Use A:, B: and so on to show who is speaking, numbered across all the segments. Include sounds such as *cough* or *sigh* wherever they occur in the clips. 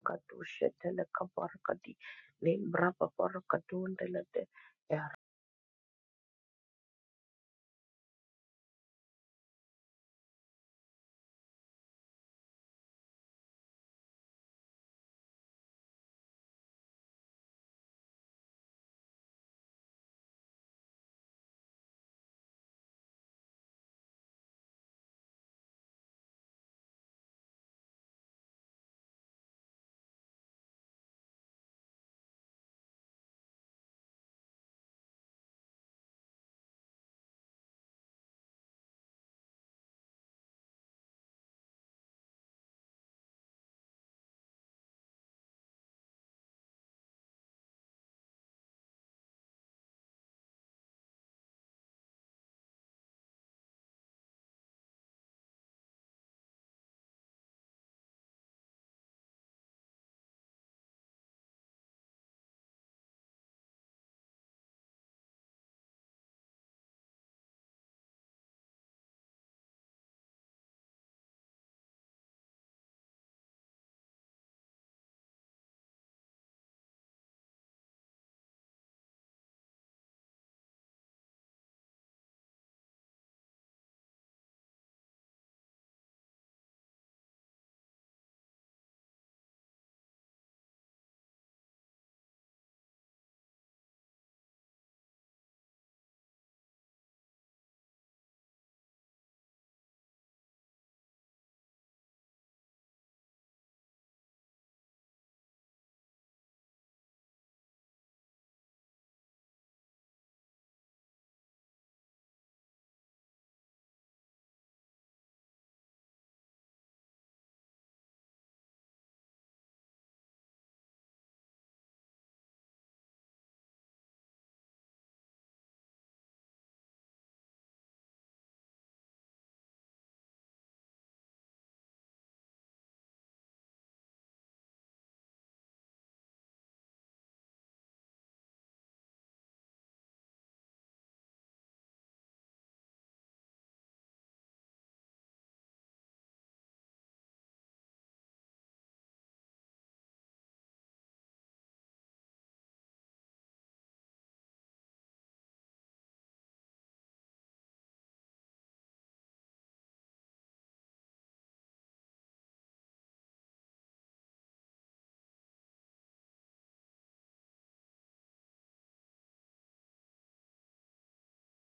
A: Kadu shetele kabarakadi limbra babarakadunde lede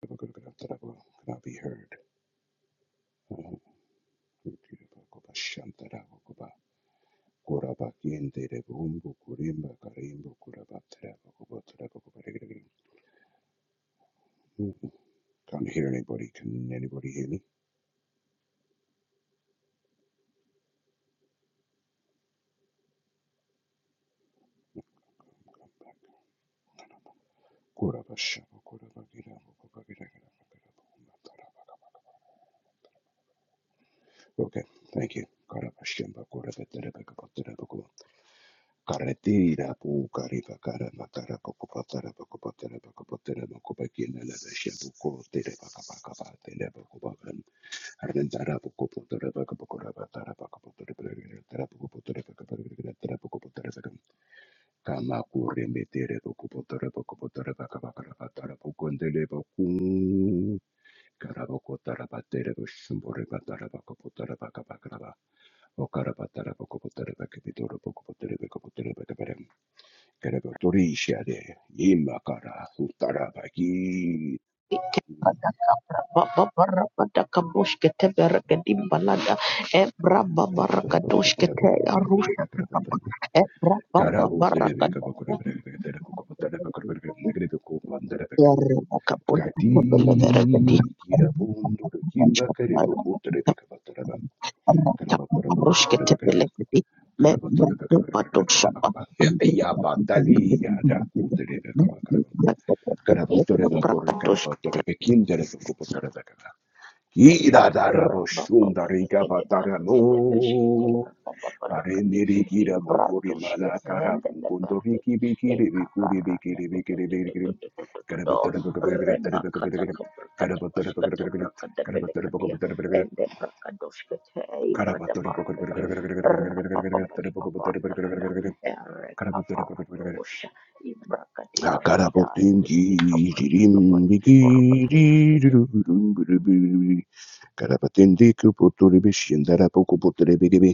B: Could not be heard? Uh, Can't hear anybody. Can anybody hear me? Come back. Kuraba Shava Okay, thank you. Karabashemba, korabatarabakabotarabakum. Karatira, pu, kariba, karama, karabakopatarabakopatarabakopatarabakopakinalabashembu, koterebakabakabatelebakobakan. Arrendarabakopotarabakopotarabakabakorabatarabakopotarabakopotarabakabakopotarabakabakopotarabakabakopotarabakam. kama kurembetere pokupotora pokupotora pakavakara patara pokondeleva Karabokotarabatelebusumborebakarabakopotarabakabakaraba. Okarabatarabakopotarabakabidorobokopoterebekapoterebekaberem. Kerebeotorishiade, yimakara, utarabaki. Karabatarabakopotarabakapotarabakabakaraba. Karaboterebekabakorebekaterebukopotarebakaberebekaterebukopandarabekem. Kati,
A: Thank
B: kirabundurukimbakerebokutarebekabataraba.
A: अब तक अमरुष के chapel
B: Karabatarabakopotarabakabe.
A: के लिए
B: Karabatore
A: मैं बंदूक बटुक सोपा अंधेरे में बंदूक लगाकर बंदूक से बरकत दोष kati raba papa lekete barakete beshkete brakata palakati ibradushke vehele lebarakati e kakarata do reba kada kabrakata bashkata brakata belekadia ende brakadoshkete e kada barakati raba papa di papa andalada e
B: Karabatara bakarabatara.
A: rekafaradosha ibrakati barakadaya
B: Karapatingi,
A: Di kabranda
B: dirim,
A: kapati
B: bigi,
A: kiborobati brakati
B: dirum, dirum, dirum, Karapatende kupotore beshendara poko potore begebe.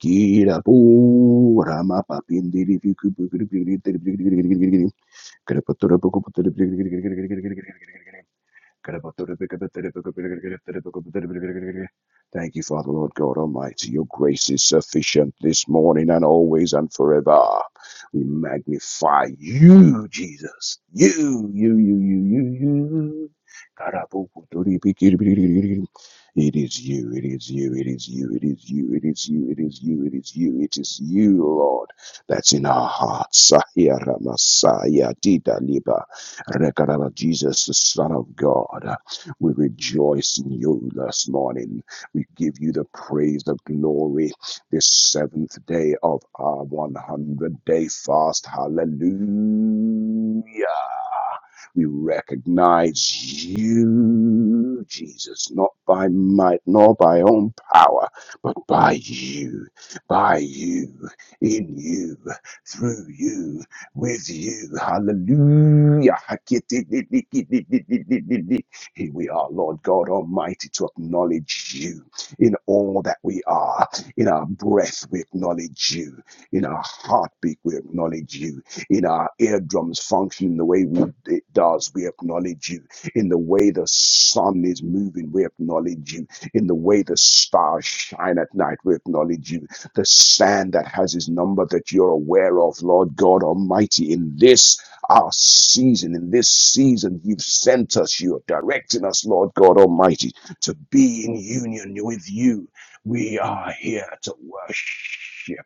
B: Kira po rama papinde li fi kupu kupu kupu kupu kupu kupu kupu kupu kupu kupu. Karapatore poko potore begebe. Thank you, Father, Lord God Almighty. Your grace is sufficient this morning and always and forever. We magnify you, Jesus. You, you, you, you, you, you. It is you, it is you, it is you, it is you, it is you, it is you, it is you, it is you, Lord, that's in our hearts. Sahira Masaya Dida Liba Rekarara, Jesus, the Son of God. We rejoice in you this morning. We give you the praise, the glory, this seventh day of our 100 day fast. Hallelujah. We recognize you, Jesus, not by might nor by own power, but by you, by you, in you, through you with you. Hallelujah. Here we are, Lord God Almighty, to acknowledge you in all that we are. In our breath, we acknowledge you. In our heartbeat, we acknowledge you. In our eardrums functioning the way we, it does, we acknowledge you. In the way the sun is moving, we acknowledge you. In the way the stars shine at night, we acknowledge you the sand that has his number that you're aware of, Lord God Almighty, in this our season, in this season, you've sent us, you're directing us, Lord God Almighty, to be in union with you. We are here to worship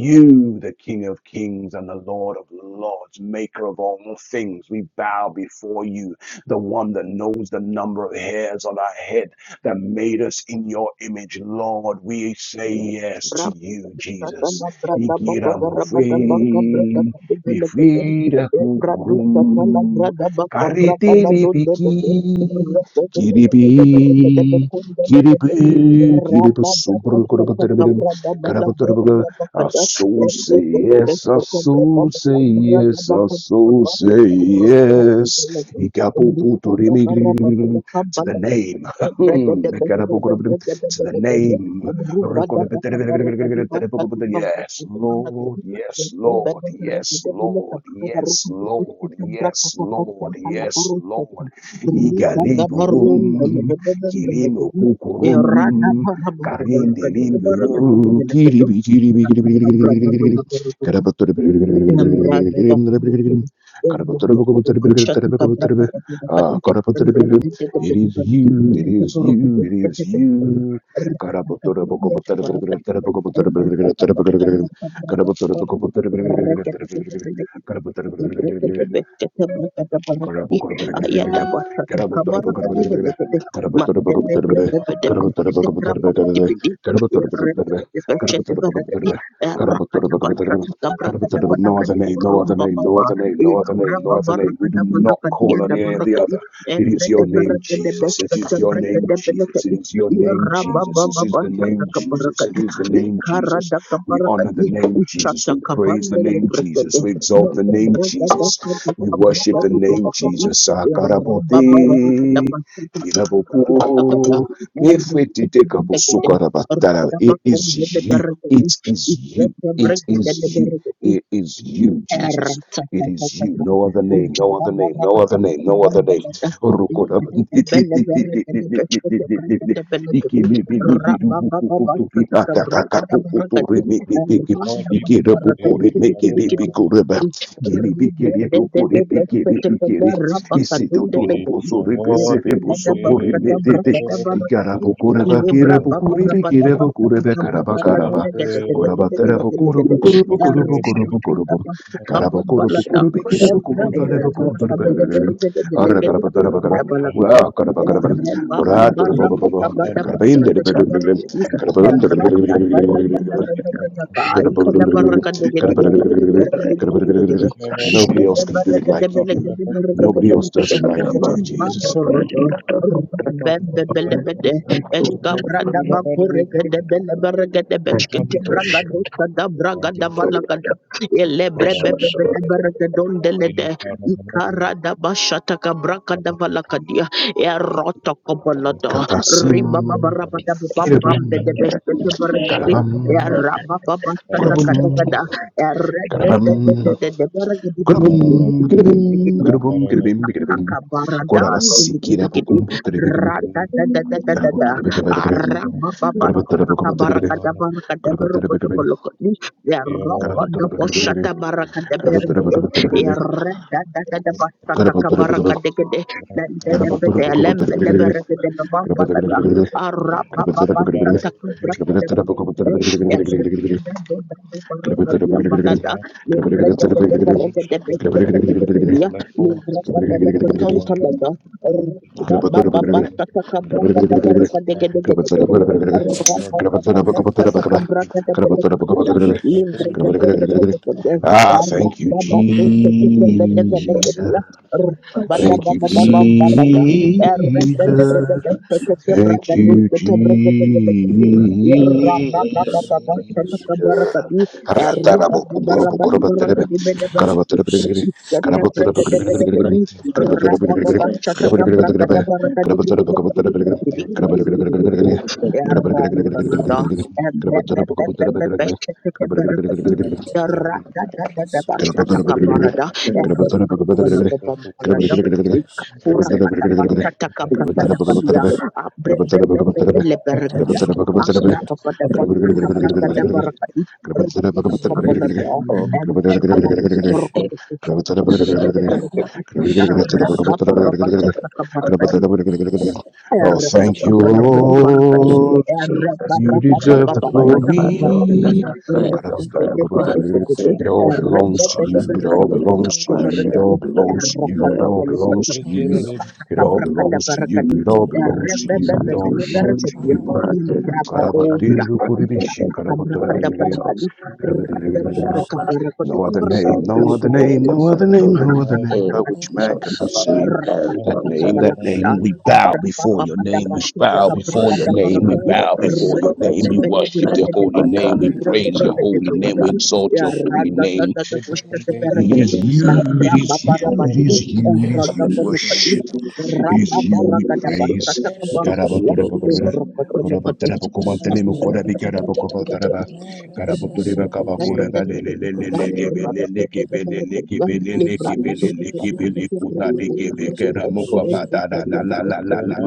B: you, the King of Kings and the Lord of Lords, maker of all things. We bow before you, the one that knows the number of hairs on our head that made us in your image, Lord. We say yes
A: bra
B: to you, Jesus.
A: Satana brada baba barabada baka brada
B: Ikiramofe,
A: kade kade.
B: bifida
A: E bradu satana
B: kupurum,
A: brada baka brada da
B: karitili
A: do le
B: piki,
A: Rebe bebe bebe bebe rebe bebe
B: kiribi,
A: kunde kade. E
B: kiribi, kiribi,
A: raba da
B: subru, kurubatarabidim,
A: brada bala brada
B: karabatarabaga.
A: baka
B: Our
A: da. E
B: soul
A: rebe
B: say
A: bebe
B: yes, our
A: sata brada
B: soul
A: baka
B: say
A: kura da
B: yes, our
A: baka
B: soul say
A: E rasa kade
B: yes.
A: kade. E risa da
B: Ikapuputurimi,
A: barabada da
B: to
A: kamba
B: the
A: kade.
B: name.
A: E brada
B: Hmm.
A: da da brada da
B: To the
A: kade.
B: name. Yes, Lord. Yes, Lord. Yes, Lord. Yes, Lord. Yes, Lord. Yes, Lord. Igaliburum. Kilimu kukurum. Karindilimburu.
A: Thank
B: Kiribi, kiribi, kiribi, kiribi, kiribi, kiribi. Karapaturi, kiribi, kiribi, kiribi, kiribi, kiribi, kiribi, kiribi.
A: Rakata
B: Karapaturi, kiribi, kiribi, kiribi,
A: basha
B: kiribi, kiribi. Ah, karapaturi, it is you, it is you, it is you. Karabotora no other
A: kabra kada banaka di
B: name, no other
A: burumba
B: name,
A: papa
B: no other name, no other name, no other
A: Rabba
B: name. We do not call on any of the other. It is your name, Jesus. It is your name, Jesus. It is your name, Jesus. It is the name, Jesus. It is the name, Jesus. We honor the name Jesus. We praise the name Jesus. We exalt the name Jesus. We worship the name Jesus. Sakarabote, iraboko, mefetitekaposokarabatara. It is you. It is you. It is you.
A: Rabba
B: It is you, Jesus.
A: Rabba
B: It is you. No other name. No other name. No other name. No other name. *laughs* Ikiri
C: Thank
A: Rabba
B: Wow, kara ba Karabain, the Nobody else can do it like you do. Nobody else does it like you do, Jesus. Hmm.
A: Eska brada bakure gede bele beshkete braga dosa da braga da valaga da. Ele brebe bebe le bere gedon dele de. Ikara da bashata ka braga da valaga dia. Eroto Riba baba
B: Kapasim,
A: da bam bam bede
B: kirabum,
A: beshkete bere gede.
B: karabam,
A: Eraba baba shata ka da
B: kurabum,
A: kada. Erede de de de
B: karabam,
A: de de bere
B: kurabum, kirabim,
A: digidi
B: kurabum, kirabim, kirabim,
A: Isataka baradan
C: you.
B: korabasi,
A: digidi
B: kirabukum, putribim,
A: rada da da da da da da
B: karabutribim, karabutribim,
A: araba baba sataka
B: karabutribim,
A: barakada barakada berokoto
B: karabutribim,
A: kolokoni ya
B: karabutribim,
A: rokodo boshata
B: karabutribim,
A: barakada
B: Ah,
A: berekede ya rada da da da basataka barakade gede dan dan pede lembe leberekede bamba lada araba baba sataka barakada berekede ya rada da da da barakada balada
B: thank you, Jesus. Thank you,
D: Russia,
B: Jesus. Thank you, Jesus.
A: Rabba
B: Ratarabo, uborobo,
A: Terubah-barabarabat itu mereka
B: korobaterebe,
A: dibeda-beda.
B: karabatereberegere,
A: Ikata bragada
B: karabatereberegere,
A: benekedi.
B: karabatereberegere,
A: Rababa
B: karabatereberegere,
A: chataka bragada
B: karabatereberegere,
A: baraka digi digi digi digi.
B: karabatereberegere,
A: Digi digi digi digi digi digi.
B: karabatereberegere,
A: Erra
B: karabatereberegere,
A: imbalada. Ebrababababa chataka barakadi. Erra da da da da ba
B: Oh,
A: chataka barada. Erra patibala babam balada. Ikakura kata ba chataka bragada balia. Abrababababa lebarakada. Abrababababa chataka bragada barakadi. Rababa balada. embre Indra
C: Thank you. Jesus, the fire of our Lord, the fire of our God,
B: thank you, Lord. You deserve the glory.
C: the
B: It all belongs to
C: so
D: Reyes
B: you. It
C: I
B: all
C: will to
B: belongs to
D: imperios
B: you.
C: worship
B: It all belongs to
D: the
B: you. It
C: the
B: all belongs to you. It
D: ancestors
B: all belongs to
D: the
B: you. It all
D: precious
B: belongs to
D: The
B: you. It all
C: Santushan
B: belongs to you.
D: power
C: or the
B: Karabatindu kuribishin
C: Paradiso,
D: The
C: like it's
B: karabatoribirigrim,
C: also
D: power
C: the Alma,
D: society
B: No other
D: the
C: so
B: name,
C: we
B: no
D: precious
B: other name,
D: the
B: no
C: also
B: other
C: do
B: name, no other name by
C: a
B: which
C: so
B: man can be
D: areas of
C: so
B: saved.
A: berapa
C: very
D: the
B: That
C: good.
B: name, that name,
D: precious
B: we
D: the
B: bow before
A: papa
B: your
A: dapat
D: rock
B: name, we
A: pasir
B: bow
A: berapa
B: before
D: society.
B: your
A: darat
B: name, we
A: lebih
B: bow before
A: berapa
B: your name, we
A: banyak
B: worship
A: berapa
B: the
A: banyak berapa
B: holy name, we
A: banyak
D: power
B: praise
A: berapa
B: your holy name,
D: the Siberia
B: we
D: Pasha Esis Ekse Pasha Sabaro Sabaro
A: banyak
D: Susi Sabaro Eris Pasha Rasu Susi Sabaro Susi Elen Kedabara
B: exalt
A: ya
B: your holy
A: ragda
D: Susi
B: name.
A: ragda
D: Pada
A: pasir darat
B: It
A: lebih
B: is
D: Dharma Pada
B: you. It
A: nambrapa
B: is
A: barat
B: you. It
A: lebih
B: is you. It is you.
A: ragda
B: we
D: Merasa
A: banyak lebih
B: Worship. It is
D: Masha
B: you. We
A: rababaraga dapat
B: praise.
A: pasir berapa ya
D: Resources are
A: lembek kecil
D: provided by
A: lekotos
D: the South and the Mary Society
A: Thank
D: for Russia The Master Society for the Press Society,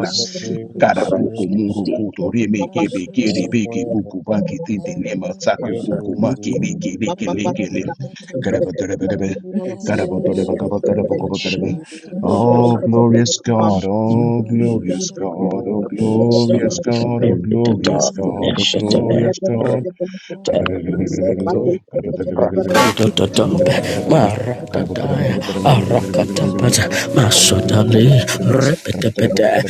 D: In Libre
B: Karapuku
D: Sources
C: Thank
B: muruku
C: you.
D: of
B: reme
D: The
B: kebe kere beke
D: Society,
B: puku baki tinte nema
D: Nehru
B: saku
D: Sources
C: Another
B: puku maki
C: and
B: riki riki
D: of
B: liki li.
D: Russia the SS Secretary of Russia
B: Oh,
D: Society,
B: glorious God, oh,
D: Nehru
B: glorious
D: Sources of
B: God, oh,
D: Russia
B: glorious
A: you.
B: God, oh,
C: the
B: glorious
C: dog
A: Thank
B: God,
C: and
B: oh,
D: Imana
C: shut
B: glorious God.
D: sources the body
C: up
D: barakata tata
C: Dododobe,
D: meruzu za precious
C: maradadaya,
D: hesed hesed
C: arakatapata, masodali,
B: Karapuku Kiri,
C: repetepete,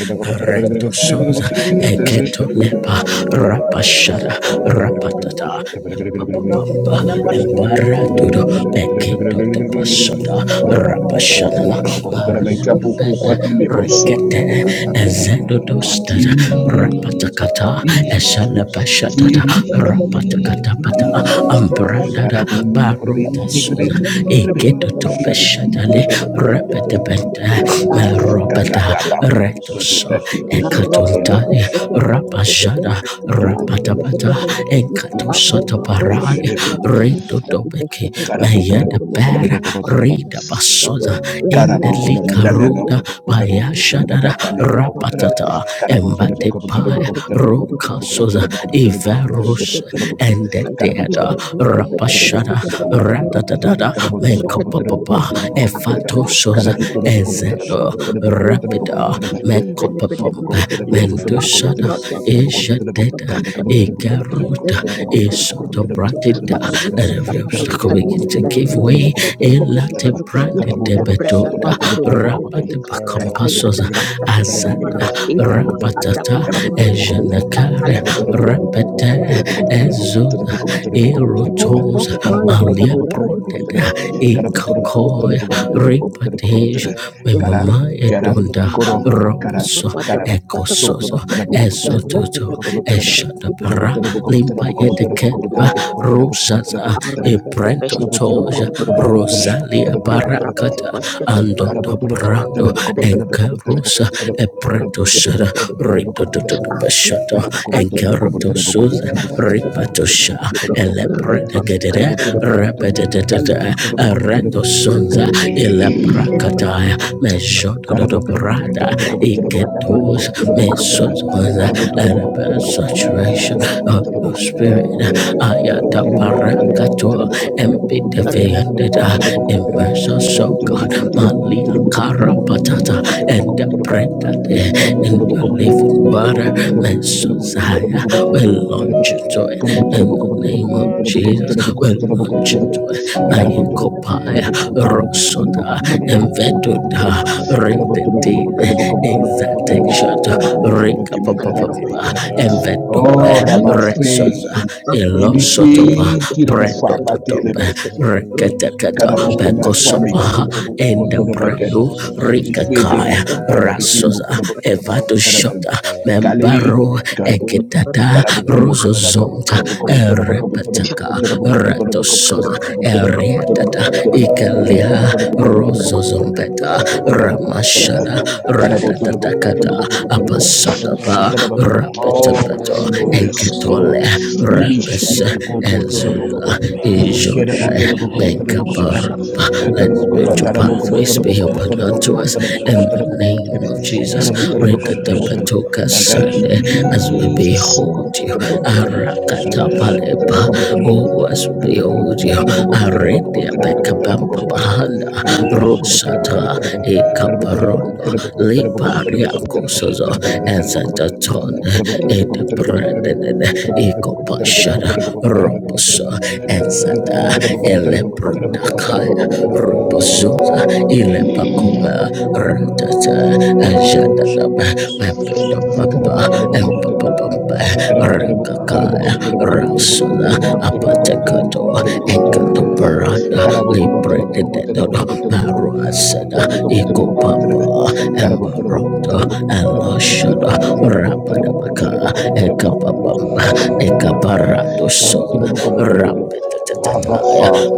C: retosoza, eketolepa, rapashada,
D: nazim mesbas
C: rapatata, empapapamba, embaradodo, bekitotopasoda,
D: Rajusu za profeta
C: rapashana,
D: tata hasusu
C: mariandubete,
D: sedi
C: rekete,
D: meruzu sedi
C: ezendodostada,
D: tata hakata tata
C: rapatakata,
D: parasa susu sedi
B: kiri,
C: esalapashatata,
D: Reyezi
B: kiri,
C: Rapatakatapata
D: parasusu
C: Ambrandada
D: sedi
B: Karabum,
D: tata
B: kurabin,
C: Baruta
B: nikrabin,
C: Suza
D: meruzu
B: nikrabin,
C: Egeto
D: parasa
B: nikrabin,
D: tata
C: Topeshatale
D: tata
B: nikrabin,
A: you.
B: nikrabin,
C: Repetapenta
D: tata
B: nikrabin.
C: Meropeta
A: Arabadabada,
B: Kalakapaku
D: Ezra
B: puto de
C: Retoso
B: pakete
D: susana
B: ekete le
C: Ekatontali
B: puku
A: arabadabada,
B: puku puku puku
C: Rapajada
A: berakadabada,
B: puku toro
D: pashkaru
B: puku puku
C: Rapatapata
A: handalabadabada,
B: puku
D: susana
A: tadi,
B: puku puku puku
C: Ekatosata
D: kuchina
B: rebe
A: ababababada,
C: Parali
B: kerebe.
D: pashadura
A: kamar,
C: Reto
A: tadi,
D: sudana
C: Topeki
A: basada,
B: Karabu tora
C: Mayada
B: puku
A: berakadabada,
B: puku tora
A: tadi,
C: Bera
B: puku
D: Eri
B: puku tora ba.
C: Rida
D: sakakete
A: akada,
C: Basoda
D: maru
B: Carabotero,
A: lembrandabada,
C: Indelika
D: susana
A: abababada,
C: Ruda Bayashadada
A: kamar,
C: Rapatata
D: pashadura
C: Embate Paya
A: tadi,
C: Rukasoza
D: Eko tapasu
C: Ivarus and the
D: susana
C: Deada
D: Rehi
C: Rapashada
D: zisekete pira
C: Ratadada
D: susana
C: Menkopapa
D: pasu
C: Evatosoza
D: susana
C: Ezedo
D: pashadura Papaha
C: Rapida
D: kutara
C: Menkopapomba
D: maru Shutala
C: Mendusada Ishadeda
D: Meru
C: Igaruta
D: upara
C: Isotobratida
D: putara
C: Let
D: sese
C: every
D: tete
C: obstacle begin to give
D: veshe
C: way
D: veshe
C: Ilate
D: tete
C: Branded
B: Kara,
D: veshe
C: Debedoda Rapa de
A: Ayah ada
C: Compasosa
A: bahasa kepada
C: Azad
A: para kadi, akadaba
C: rapatata
A: kabar kadi,
C: ejenekare
A: kalau
C: repete ezoda erotosa alia proteda ikakoya ripateja memama edonda
B: koro, kara,
C: roboso
B: karaba,
C: ekososo
B: sokoraba, terabukobu, terabukobu, terabukobu,
C: esototo
B: teraba, karabu,
A: Aku
C: eshadapara limpa
B: terabukobu, terabukobu, terabukobu, terabukobu, terabukobu,
C: yedekedwa
B: terabukobu,
C: rusaza
B: terabukobu, Karabotura,
C: ebrentotoja rosalia parakata andota Brando Encarusa Epreto Shada Rito
A: Aduh,
C: Bashato
A: tiba anda betul-betul
C: Encaruto Suza
A: ikan dan
C: Ripato Sha
A: betul-betul riba
C: Elepreta
A: papa di
C: Gedere
A: pada berubah elem
C: Repetitata
A: betul
C: Arato Sunza
A: berkede betul ember
C: Elepracataya
A: papa di
B: Karabotere
C: Mejoto
A: pada
C: do
A: berkede
C: Brada
A: ember aku pada
C: Iketos
A: berkede akar
C: Mesuzmaza
A: betul
C: Araba
A: kuku kuku
C: Saturation of the Spirit
A: ember
C: Ayata Paracato
A: betul berkede
C: Empita
A: rak papa
C: Fiandita
A: betul betul berkede
C: impression show God
A: rak betul
C: Malia
A: betul berkede
C: Karapatata and the
A: betul
C: Predate and your living water Mesosaya will launch into it
A: betul berkede
C: in the name of Jesus will launch into it
B: Oh,
C: My
A: Berkata-kata
C: Mayekopaya Rosoda Enveduda Redentine Exatexata Rika
D: ipiki
C: Papa Envedope
D: sese
C: Resosa
B: Ramafei,
C: Elosoto sopa
B: Emifi,
C: brendo
B: Kirabufa,
C: to tope
B: Patelema,
D: tete
C: reketeketa
B: Garabokuma,
C: beko
B: Fami,
C: sopa
B: Kabuko,
C: enda
D: ime
B: Botorabaket,
C: prelu
D: sese sese
B: Emifi,
C: rikakaya
B: Debuko, Balabikin,
C: rasosa. evato
B: Bokorabotaraboko,
C: shota
B: Kalibi,
C: membaro
B: karabum,
C: eketata
B: karabukum,
C: rozozonta erepetaka retosoza erietata
A: berkata-kata
C: ikelia
A: Thank
B: mutarabakabutarabukabutarabakabutarabukabutarabukabutarabukabutarabukabutarabukabutarabukabutarabukabutarde.
C: rozozombeta ramashada ratatatakata apasadaba
B: Oh,
C: rapitabeto Ezo
B: glorious
C: Enketole
B: God.
D: rese
C: Repes Ezola
D: sukume
B: Imishifukobotelebokobotelem.
D: sushe
C: Ijodai
D: te heru
B: Ikerabotelebokobotelebokobota.
D: susa
C: Menkaparapa. Let spiritual
D: men
C: pathways be open
D: tete
C: unto us
D: pere
C: in
D: sese
C: the
D: tete
C: name
B: Karabotelebokobotelebokobotelebokobotelebokobotelebokobotelebokobotelebe.
C: of Jesus.
D: heru
C: Read the
D: sese
B: Karabotelebokobotelebokobotelebokobotelem.
C: Tepatoka
B: And
D: veshe
B: thank you,
C: Sunday
D: sese
C: as we
B: Jesus.
C: behold you.
B: Sokorabotelebokobotelem.
D: entere sese
C: Arakatapalepa.
B: Karabotelebokobotelebokobotelebokobotelem.
C: Oh, as we behold you. Aredia Bekabamba Bahanda Rosata
B: Karabotelebokobotelebokobotelebokobotelebokobotelebokobotelebokobotelebokoboteleba.
A: you.
C: Ekaparondo
A: Thank
D: sese
C: Lipariako kosozo ezataton edebrandene ikopashara roposo ezata elebrodakaya roposoza ilepakoma ratata ajadadaba
B: Abba
C: mambedopapa Pampa, Rakakaya, Rasuna, Apatekato, Ekatoparana, Libre Dedodo, Maruasada, Ikopapa, Embaroto, Eloshoda, Rapadabaka, Ekapapamba, Ekaparato Sola, Rapid. Kataya,
B: Father,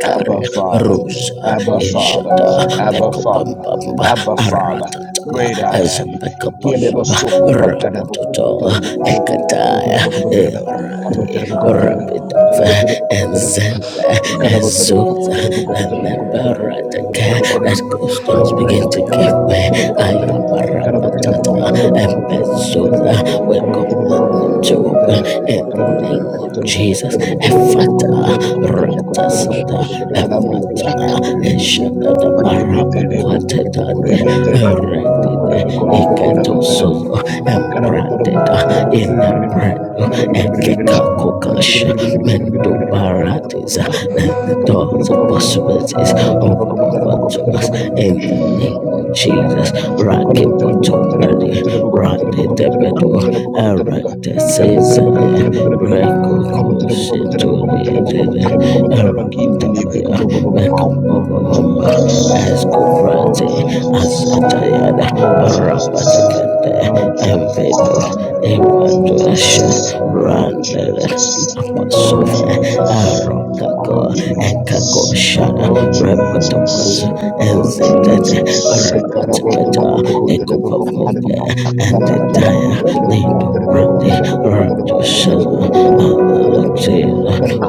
B: Abba Father,
C: Rusa,
B: Abba Father,
C: Ishata,
B: Abba Father,
C: Bekobamba,
B: Abba Father,
C: Aratata,
B: great I am.
D: sese
B: Ikelebo
C: Ezobekobamba,
B: soko patarebo
C: Rapatoto,
B: kubutarebo kubutarebo
C: Ekataya,
B: kubutarebo kubutarebo
C: Irati,
B: karabotarebo kubutarebo
D: sese
C: Rapidova,
B: karabotarebo kubutarebo kubutarebo
C: Enzenza,
B: karabotarebo
D: Mirror
C: Ezuza,
B: kubutarebo
C: and
B: kubutarebo
C: the
B: kubutarebo
D: to
B: kubutarebo
C: Parataka,
B: kubutarebo
C: as Gustons
B: karabotarebo
C: begin to give
B: kubutarebo
C: way,
B: kubutarebo kubutarebo
C: Ayabarabata,
B: karabotarebo kubutarebo kubutarebo kubutarebo
C: Ebezuda, we
A: you.
B: karabotarebo
C: command him
B: kubutarebo
C: to
A: Mandele
C: open
B: kubutarebo
C: in the
B: karabotarebo kubutarebo
C: name of Jesus.
B: kubutarebo kubutarebo
C: Efata,
B: kubutarebo kubutarebo kubutarebo
C: Ratasata, Efata, Eshadada, Baraba, Quatetande, Erectede,
A: Thank
C: Eketo
A: you.
C: Soto, Emprateta, Inapredo, Ekeka Kokasha, mental varieties. Let the doors of possibilities open up unto us
B: Carabotera,
C: in the name of Jesus. Rocket
B: Oh, Jesus.
C: bottom ready, Rocket Rocky debedo, Aaron the season, Reko Koshin to the Arabaya, Mekam as Baba, Esko
B: Oh,
C: Prati,
B: Jesus.
C: Azatayada,
B: Oh, Jesus.
C: Rapatakanda,
A: Thank
B: Oh, Jesus. Oh, Jesus.
C: Envedo,
B: Oh,
C: Evaduasha,
B: Jesus. Oh,
C: Randada. Rapasova,
B: Jesus. Oh,
C: Arokako, Ekako
B: Jesus.
C: Shana,
B: Oh,
C: Rapatopaz,
B: Jesus. Oh
C: Enzetet, Rapatakata, Ekopamombe,
B: Jesus. Sekarabotonobokobotenebokobotenebe.
C: and the Daya, Lindo Brandi, Rato Shana,
B: Karabotonobokobotenebokobotenebokobotenebokobotenebokobotenebokobotenebokobotenebokobotenebe.
C: Alexia,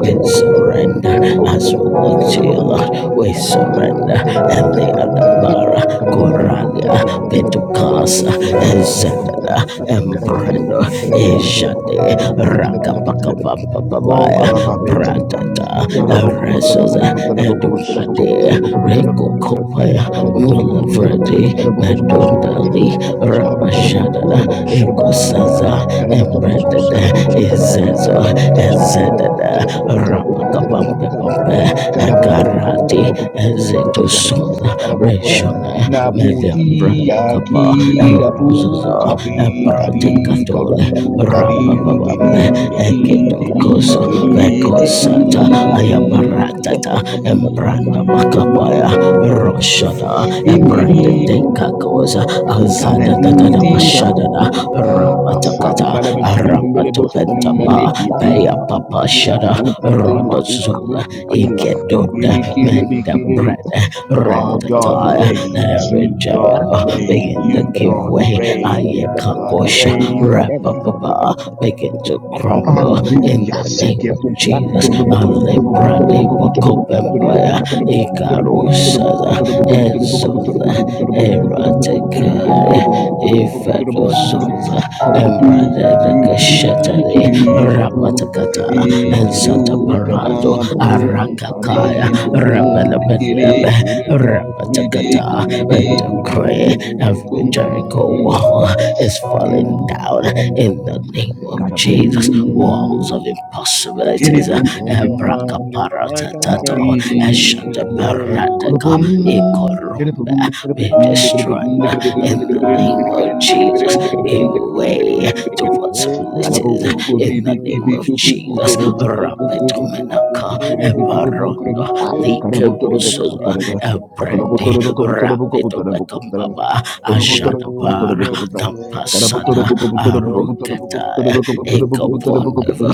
C: we surrender, as we look to you, Lord, we surrender, and the other
B: Karabotonobokobotenebokobotenebokobotenebe.
C: bar. Bara Koradia Petukasa Ezenda
B: Karabotonobokobotenebokobotenebokobotenebokobotenebokobotenebe.
C: Embrando Ejade Rakapakapapabaya
A: you.
B: Karabotonobokobotenebokobotenebokobotenebokobotenebokobotenebe. Oh,
C: Prateta
A: Thank
C: Eresaza Edumade Rekukopaya Mulavredi Medundali Rabashadada Ikosaza Embrandada Ezezo Ezedada
B: Carabotera,
C: Ompepope, Egarati, Zetosuna,
B: Karabokora
C: Reshona,
B: Naputi
C: Medium Brandakapa,
B: Akirapu
C: Erososa,
B: Kapi Kari
C: Epraticatole,
B: Karu Kari
C: Rapapabambe,
B: Kirim Biki Tiri
C: Ekidokoso,
B: Kiri Tiri
C: Vekosata, Ayaparatata, Embranda Bacapaya,
A: you.
C: Roshada,
A: Thank
B: Imiri Kurum
C: Ebraticacosa, Azada
B: Karati
C: Tatada
B: Tirapu
C: Pashadada, Rapatakata,
B: Mafamala Befimbele Befumale
C: Rapatopentapa, Paya
B: Kitiri
C: Papa
B: Pupu
C: Shada,
B: Kuru Puturu Pukuru
C: Rotozola,
B: Pukuru Pukuru
C: Ikedota,
B: Bikiri
C: Menda
B: Bikiri
C: Bread,
B: Oh, God
C: Rectatire,
B: reigns.
C: every
B: You, God,
C: Jericho begin
B: reign.
C: to
B: You,
C: give
B: God,
C: way.
B: reign. You, God,
C: Ayakakosha,
B: reign.
C: Rapapapa begin to crumble in the
B: Hallelujah.
C: name of Jesus. Alebrade Bokopembaya, Ikarusada, Ezola,
A: you.
C: Eratekaya,
A: Thank
C: Ifedozola, Embradekashetari, Rapatakata. Zataparazo Arakakaya Rabelebelebe Rapatakata and decree every Jericho
B: Mm,
C: wall is falling
B: mm,
C: down in the name of Jesus. Walls
B: karabum.
C: of impossibilities.
B: Kiripum Karapri
C: Ebrakaparatatata Eshataparataka
B: Kurupum Kiripum
C: Ikorombe be
B: Kiripum Dikripin
C: destroyed
B: Dikripin
C: in the
B: Dikripin
C: name of
B: Dikripin
C: Jesus.
B: Dikripin
C: Every
B: Dikripin Dikripin
C: way
B: Dikripin
C: to
B: Dikripin
C: possibilities
B: Karapupu
C: in the
B: Dibi
C: name
B: Kibi
C: of
B: Kupu
C: Jesus.
B: Kuturu Puku Puku Rupu Kuru
C: Rapetomenaka
B: Puku Rupu
C: Ebaronda Nike
B: Karabotoreba
C: Rososa
B: kabotoreba.
C: Ebredi
B: Karabotoreba kabotoreba kabotoreba kabotoreba.
C: Rapetobekambaba
B: Karabotoreba kabotoreba
C: Ajadabara
B: kabotoreba. Karabotoreba
C: Dampasada
B: kabotoreba
C: Aruketaya
B: kabotoreba kabotoreba kabotoreba kabotoreba kabotoreba kabotoreba
C: Ekapondeva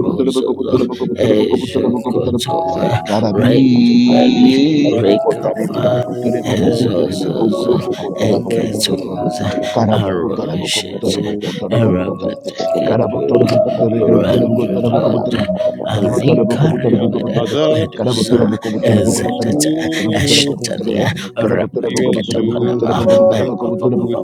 A: you.
B: kabotoreba kabotoreba kabotoreba kabotoreba.
C: Ejokotoya Rendibedi
B: Karabiye kubotareba
C: Rekava
B: kubotareba kubotareba kuboro
C: Ezososa
B: kubotareba
C: Eketosa Arosheta
B: Karabukutarabukubutarabukutarabukubutaram.
C: Arabatekedura Ranjadot
B: Karabutarabukubutarabukubutarabukutarabukubutaram.
C: Alikariabede
B: Karabutarabukubutarabukubutarabukutarabam.
C: Medusa
B: Karabutarabukubutarabukubutarabam.
C: Ezetete
B: Karabutarabukubutarabu-
C: Eshetalia Rapataketa Panama Mempapapapa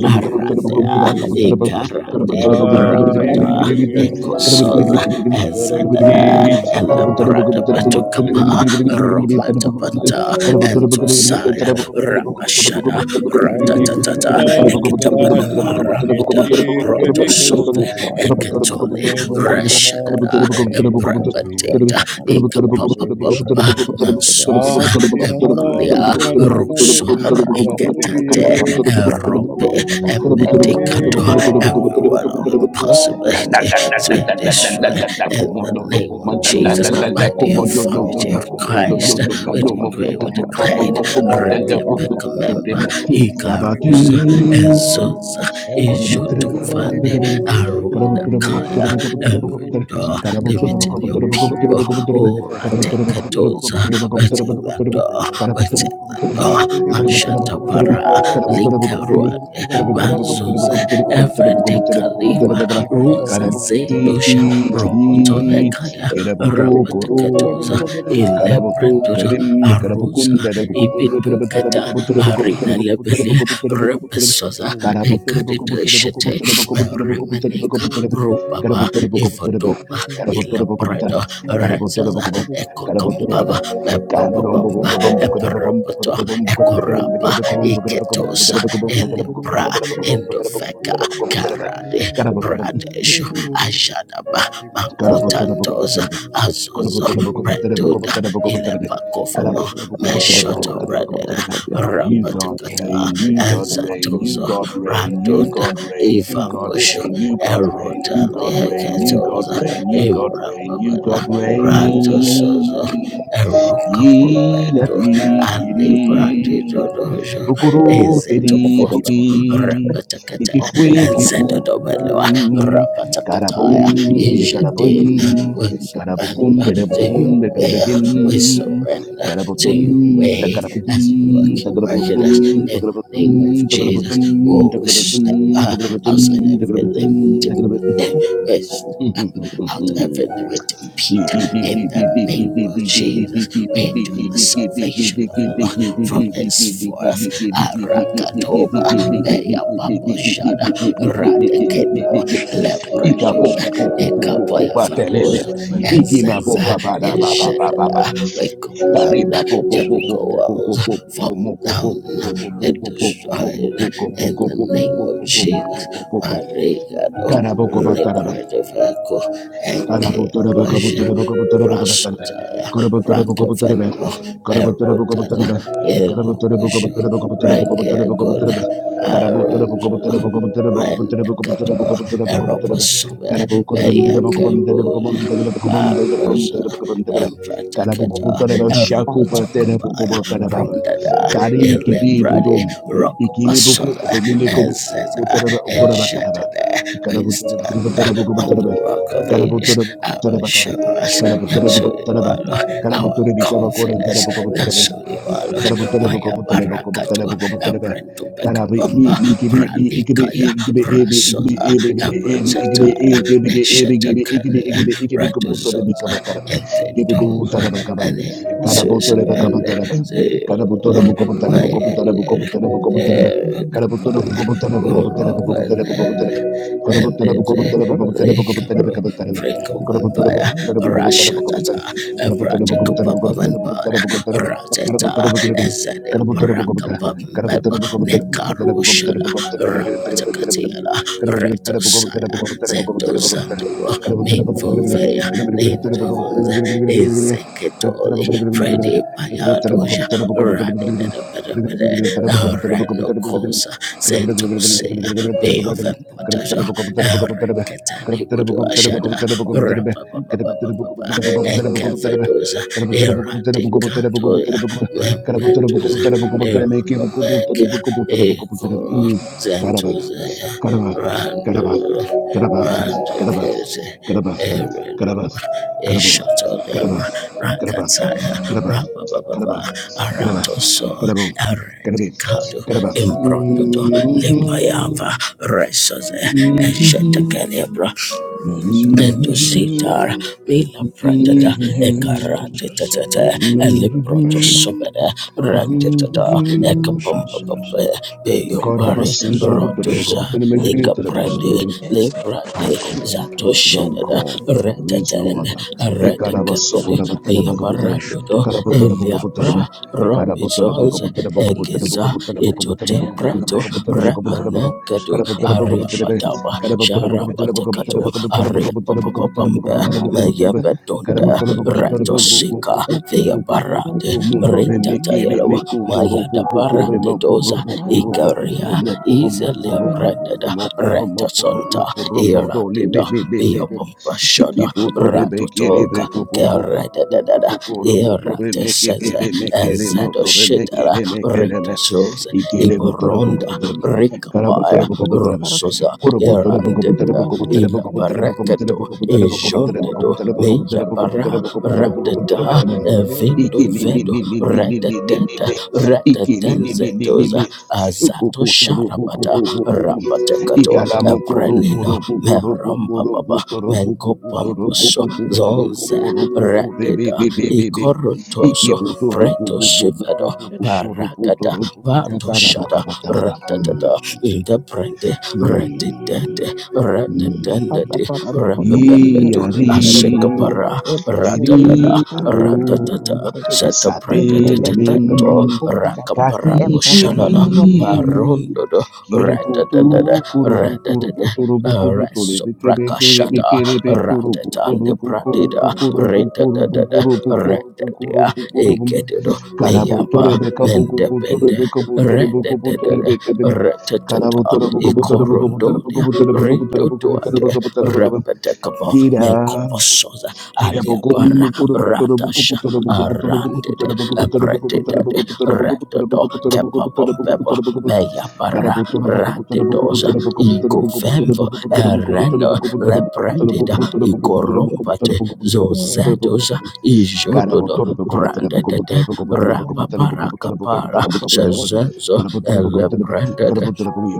C: Aradea Ikarade Rapata Ekosoda Ezadada Elabrada Betukapa Rometabanta Entosaya Rapashada
B: Karabutarabukubutarabu-
C: Ratatata Ekitapanama Ramida Brotosove Eketone Rashadada Embrabateta Ikapapapampa Mansoza
A: Rakata
C: Embalia Rusoda Iketate Erope Embedicado Everyone of impossibility is being destroyed in the name of
A: Thank
C: Jesus by the authority of Christ. We decree, we declare, rightly pick a
B: Como
C: member,
B: Stabaki
C: Ikarusa, Ezosa, Ishutufande Arunda Kaya every door limiting your people. Oh Ratekatoza take the door we take the door Mashata para Lika Ruande Mazuze Evrete Kaliva Ruza Zedosha Robotome Kaya Rapatekatoza
B: Karaboto,
C: Ilebrendoto
B: Karim,
C: Aruza
B: Karabokunda, Karabokunda,
C: Ibitukata Arina
B: Karabokunda, Karabokunda,
C: Lebele
B: Karabokunda, Karabokunda,
C: Repesoza
B: Karabotara
C: ikadideshete remeneka rubaba ivodoba ilabredo rezaza ekokombaba bebobobomba eperoboto ekoraba iketosa elebra endofeka karade bradesho ajadaba makotandoza
B: Karabotorobokobotorobe.
C: azozo breduda
B: Korobotorobokobotorobokobotorobokobotorobe.
C: ilepakofomo meshoto bradera
B: Karabotorobokobotorobokobotorobokobotorobe. You God
C: rapatakata
B: reign, you God reign, you
C: Azatozo
B: God reign, you
C: Radota
B: God reign, you
C: Eva
B: God
C: Busho
B: reign, you God reign, you
C: Erota
B: God reign, you God
C: Leheketoza
B: reign, you God reign, you God
C: Imbrambabada Rato Sozo
B: reign.
C: Eroka
B: Ye
C: Pombedo
B: lapikiri.
C: Ali Brandi Dodojo
B: Pukuru
C: Ezeto
B: teri
C: Koto
B: bibi.
C: Rapatakata
B: Nikifwe
C: Enzeto Domeloa
B: kipukubu. Karaboom,
C: Rapatakataya
B: bikaraboom,
C: Ijedin We
B: karabukum,
C: surrender to
B: derebukum,
C: your
B: bekarabekin,
C: will We surrender to
B: karabutun,
C: your way
B: takarabukun,
C: as you work, you work in
B: takarabukun,
C: us in the
B: takarabutun,
C: name of Jesus.
B: takarabutun,
C: Oh, step
B: takarabutun,
C: uh,
B: takarabutun,
C: outside every
B: takarabutun, takarabutun.
C: limiting uh, step out every
B: *laughs*
C: limiting pit. In the name of Jesus, we enjoy the salvation of the Lord from henceforth. Arakatoba, Beria Baboshada, Radekedo, Lebredum, Ekapoya Farozo, and Zaza, Eshadada. We command Jericho walls fall down and destroyed in the name of Jesus.
B: Ikapoko
C: Marigado, Lepredavaco,
B: Kari
C: Enke Abasha, Rasotaya, Branca Venimo, Merotada, Elogosho, Reke God, Arundra, Rendacato, Eroposome, Mayaka Rosa, Arosa, Empratacata, Eropotocobaya, Brondada.
B: kedi
C: Elebrade,
B: dudum. Ikini buku
C: Rockabasada,
B: upelile kubu kubu
C: Ezeta,
B: taraba ukura bataraba.
C: Ejadada, we stand on the rock of ages,
B: Karabotere boko botere
C: our
B: bakaba.
C: assurance,
B: Karabotere
C: that's
B: boko botere ba.
C: Lord. our
B: Karabotere bika bako rentere
C: confidence,
B: boko botere
C: that's who you are, Lord.
B: Karabotelebe
C: Maya
B: kobotelebe
C: Barakato,
B: kobotelebe kobotelebe.
C: Abrento
B: Karabi
C: Bekabamba,
B: mi mi gibi i ikibi i
C: Bralikaya,
B: ikibi ebi ikibi
C: Rasoda,
B: ebi ikibi ebi ikibi
C: Abrazeta,
B: e ikibi ge ebi gibi ikibi
C: Neshatakaria,
B: ikibi ikibi kobotelebe
C: Radozoza,
B: kabatarebe.
C: and
B: Gibi
C: Pedoza,
B: kobotelebe kabar.
C: and then
B: Karabotelebe
C: Switzerland,
B: kabotelebe.
C: the
B: Karabotelebe kobotelebe kobotelebe
C: Mayer,
B: kobotelebe kobotelebe. Karabotelebe
C: Erekopai,
B: kobotelebe kobotelebe
C: Urovanen,
B: kobotelebe kobotelebe.
C: and
B: Karabotelebe kobotelebe kobotelebe kobotelebe
C: Zekaro,
B: kabotelebe. Karabotelebe
C: Prekovampire,
B: kobotelebe
C: Rashatata,
B: kobotelebe
C: Epratikopapavampada,
B: kobotelebe. Kerap
C: Rateta, Ezede Parakapambeba, Nekarushada, Rapatakatiana, Retosaya, Zetozadua, Minfovea, Lindovanda, Ezekitori, Freddy Payadoja. Radididibidibidi. Reno kosa. Zetosea. Be of a Empotato. Erekatani Budu Ashada. Rapapapapapa. Encavedosa.
B: Mm. Karaba, karaba, karaba, karaba, karaba, karaba, karaba,
C: Eradicatoya. Membedosa.
B: karabo, karaba, karaba,
C: Eronomeka.
B: karaba,
C: Egoro. Zetosea. Randolo. Randicate. Eredoma. Eshotolemra. Rakataya.
B: karaba,
C: Rapapapa
B: karaba,
C: arato so
B: karabo, karabi,
C: eredicado
B: karaba.
C: imbrondodo lepayava resoze
B: Mhm.
C: eshetekelebra Ento
B: Mhm.
C: sitar mila pratata
B: Mhm. Mhm.
C: ekarate
B: God,
C: tatata
B: I
C: eliproto sobeda randetata ekapumpa pumpa peyo
B: must
C: pari
B: sing.
D: suppression,
C: rotoza
D: as
C: ekaprandi librati
B: Can't call.
D: to
C: zato
B: We don't
C: shedada
B: call. There is no
C: retatan
B: other. Eh,
A: you.
B: so,
C: retakapedi
D: Susa,
C: via
D: Imashuda,
C: barandodo
D: Maro Susa,
C: eliabra
D: Red Susa,
C: robisons egeza
D: Iketebe, Hena
C: itotepreto remenekedu ariapataba sharapatekato ariapapapampe
A: Berarti sebagai
C: meyepetonde
A: yang
B: Carabotolo
A: baik itu adalah jadi
C: retosika
A: berarti bukan
C: veyaparade
A: orang
B: Mundo
A: yang akan kita
B: remeke
A: ini
C: ritatayelewa
A: kita
B: remeko toro boko
A: akan
B: kore moko
A: diberi
C: mayadaparandedoza
A: kata
B: romo
A: kata
B: koro
A: kata
B: moko
C: ikaria
B: romo
A: kata
B: koro
A: Selama
B: moko
A: itu
C: izeleprendeda
B: romo koro moko romo koro
C: retasonta
B: moko romo do le be
C: iradida
B: be be be be
C: beyapampashada
B: ikibo tore be kiri be
C: ratotoka
B: ko bo bo bo bo bo bo
C: kerededededa
B: bo koro mo tore me ke be
C: irateseze
B: re me ke re mo tore me ke
C: ezedoshitela
B: re me ke re me
C: Retosos,
B: ikere bo tore bo
A: akan
B: bo
C: Iboronda,
B: bo
A: diberi tadi
C: Ricapaya,
A: yang baik
B: tore
A: berkara tadi
C: Rossosa,
A: itu kartu
C: Erandeta, Ila Paracato,
A: saya adalah
C: Ejondedo,
A: aku di masjid
C: Meia
A: betul
C: Para,
A: betul jadi
C: Radeda, Evindo Vedo, Redeteta, Redetenzetos, Azato Sharabata, Rapatecato, Eprenino, Merambaba, Mengopamposo, Zonze, Rededa, Icorontoso, Preto Shivedo, Barakada Batoshada Ratadada
B: Iki
C: Indabrende
B: I
C: Redidede
B: am
A: Alta
B: the
C: Redidendede
A: barra da boca da
C: Repebenbedu
A: velika de bereketi.
C: Asekapara
A: Ebre bu velika
C: Ratadada
A: de
B: one
A: boruku de beşte de
C: Ratatata
A: bereketi.
C: Seta
A: Yende le breke de
C: Predeteteto
A: be kumbalada.
C: Rakaparapo
A: Embra bu bu
C: Shanana
A: bu bu
C: Barondodo
B: who
C: Redadada Redadada
B: walks
C: Resoprakashada Ratatande Pradida Retadada
B: on
C: Retadia
B: water.
C: Ekedodo Meyaba
B: Karabutore
C: mende
B: bekabukubuture
C: bende
B: bekabuture
C: rededede
B: bekabuture bekabin.
C: reteteta
B: Karabuture bekabuture bekabuture
C: ikorondolia
B: bekabuture bekabuture bekabuture
C: ridodoade
B: bekabuture bekabin.
C: repetekaba
B: Kira
C: menkoposoza
B: you're
C: aliabara radasha arandede brededede redodo kepabombebo meyabara radedoza igovemvo ereno lepredida ikorompate zozedoza ijododo brandedede rapaparakapara shazazo elebranded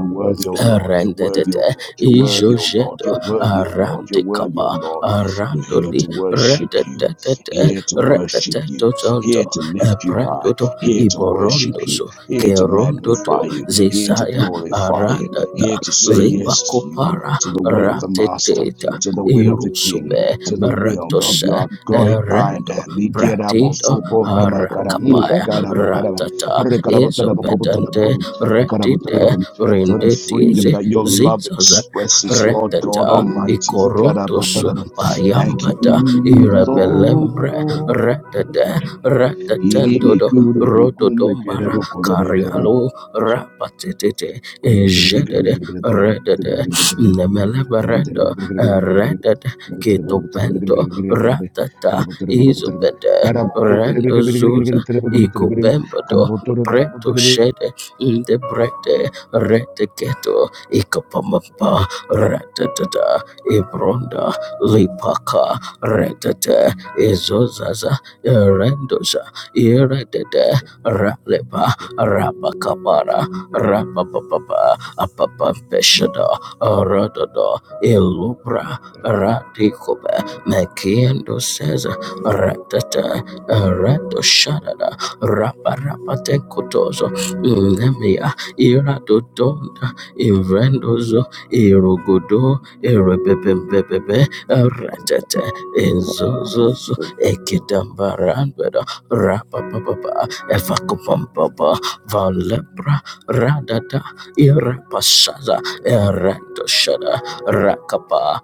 B: worthy, O Lord. You're worthy, O
C: rendedete
B: Lord. You're worthy, O Lord.
C: ijojeto
B: You're worthy, O Lord. You're worthy, O
C: arandikapa
B: Lord. We're here
C: arandoli
B: to worship you,
C: rededete
B: here to worship
C: reteteto
B: you,
C: tonto
B: here to lift you high,
C: ebrendoto
B: here to worship you,
C: iborondoso
B: here to
C: kerondoto
B: magnify you, here to
C: zisaya
B: glorify you,
C: arandata
B: here to say yes to you.
C: lipakopara
B: To the will of the Master,
C: rateteta
B: to the will of the King,
C: irusube
B: to the will of
C: retose
B: your great I
C: erendo
B: am.
C: bradido
B: Ikerabosoporamakara- Mm,
C: arakapaya
B: karabakaraba.
C: ratata isobedante retite
B: for the freedom
C: rendetinze
B: that your love
C: zizaza
B: expresses, Lord God
C: retata
B: Almighty.
C: ikorontos
B: Thank you,
C: payambata irebelembre
B: Lord.
C: retete
B: Irimi
C: retetendodo
B: kuru bukumbe
C: rododombara
B: kerebu
C: karialo rapatetete ejedede redede nemeleberendo redede ketopento ratata izobede rendozuza ikopembodo Breto shede in the bread Reteketo Ikapamapa Ratata Ibronda Lipaka Retete Izozaza Erendosa Iredede Raleba Rapakamara Rapapapa Apapampeshada Rodada Ilubra Ratikobe Mekiendo says Ratata Reto Shadada Rapa Rapate Kotozo Nemia iradodonda irendozo irogodo erebebebebebe eretete ezozozo ekitambarandweda rapapapapa evakupampapa valebra radada irapasaza erendoshada rakapa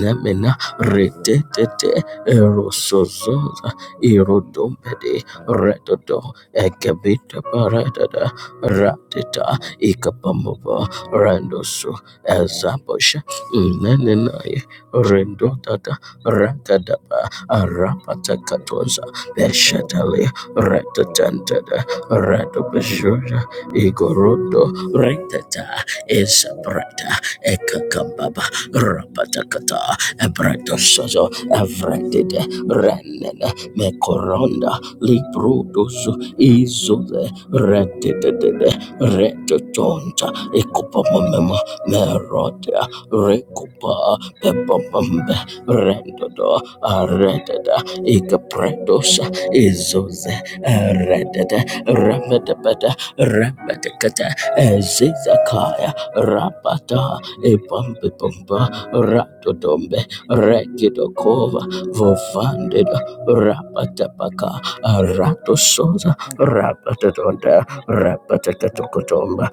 C: nemina retetete erosozoza irodombede redodo ekebitaparadada ratita Ikapamova Randoso Azabosha Inanenaya Rendotata Rakadaba Arapatakatosa Beshatale Ratatantada Ratopajura Igorodo Retata Isaprata Ekakambaba Rapatakata Ebratosozo Evretide Renene Mekoronda Librudosu Izude Retitede Retotonta Ekupamama Merotea Rekupa Pepopambe Rendodo Aredada Ikapredosa Izuze Redada Ramadabada Ramadakata Ezizakaya Rapata Epampipamba Ratodombe Rekidokova Vovandida Rapatapaka Ratososa Rabatadonda rapataka Tokotomba.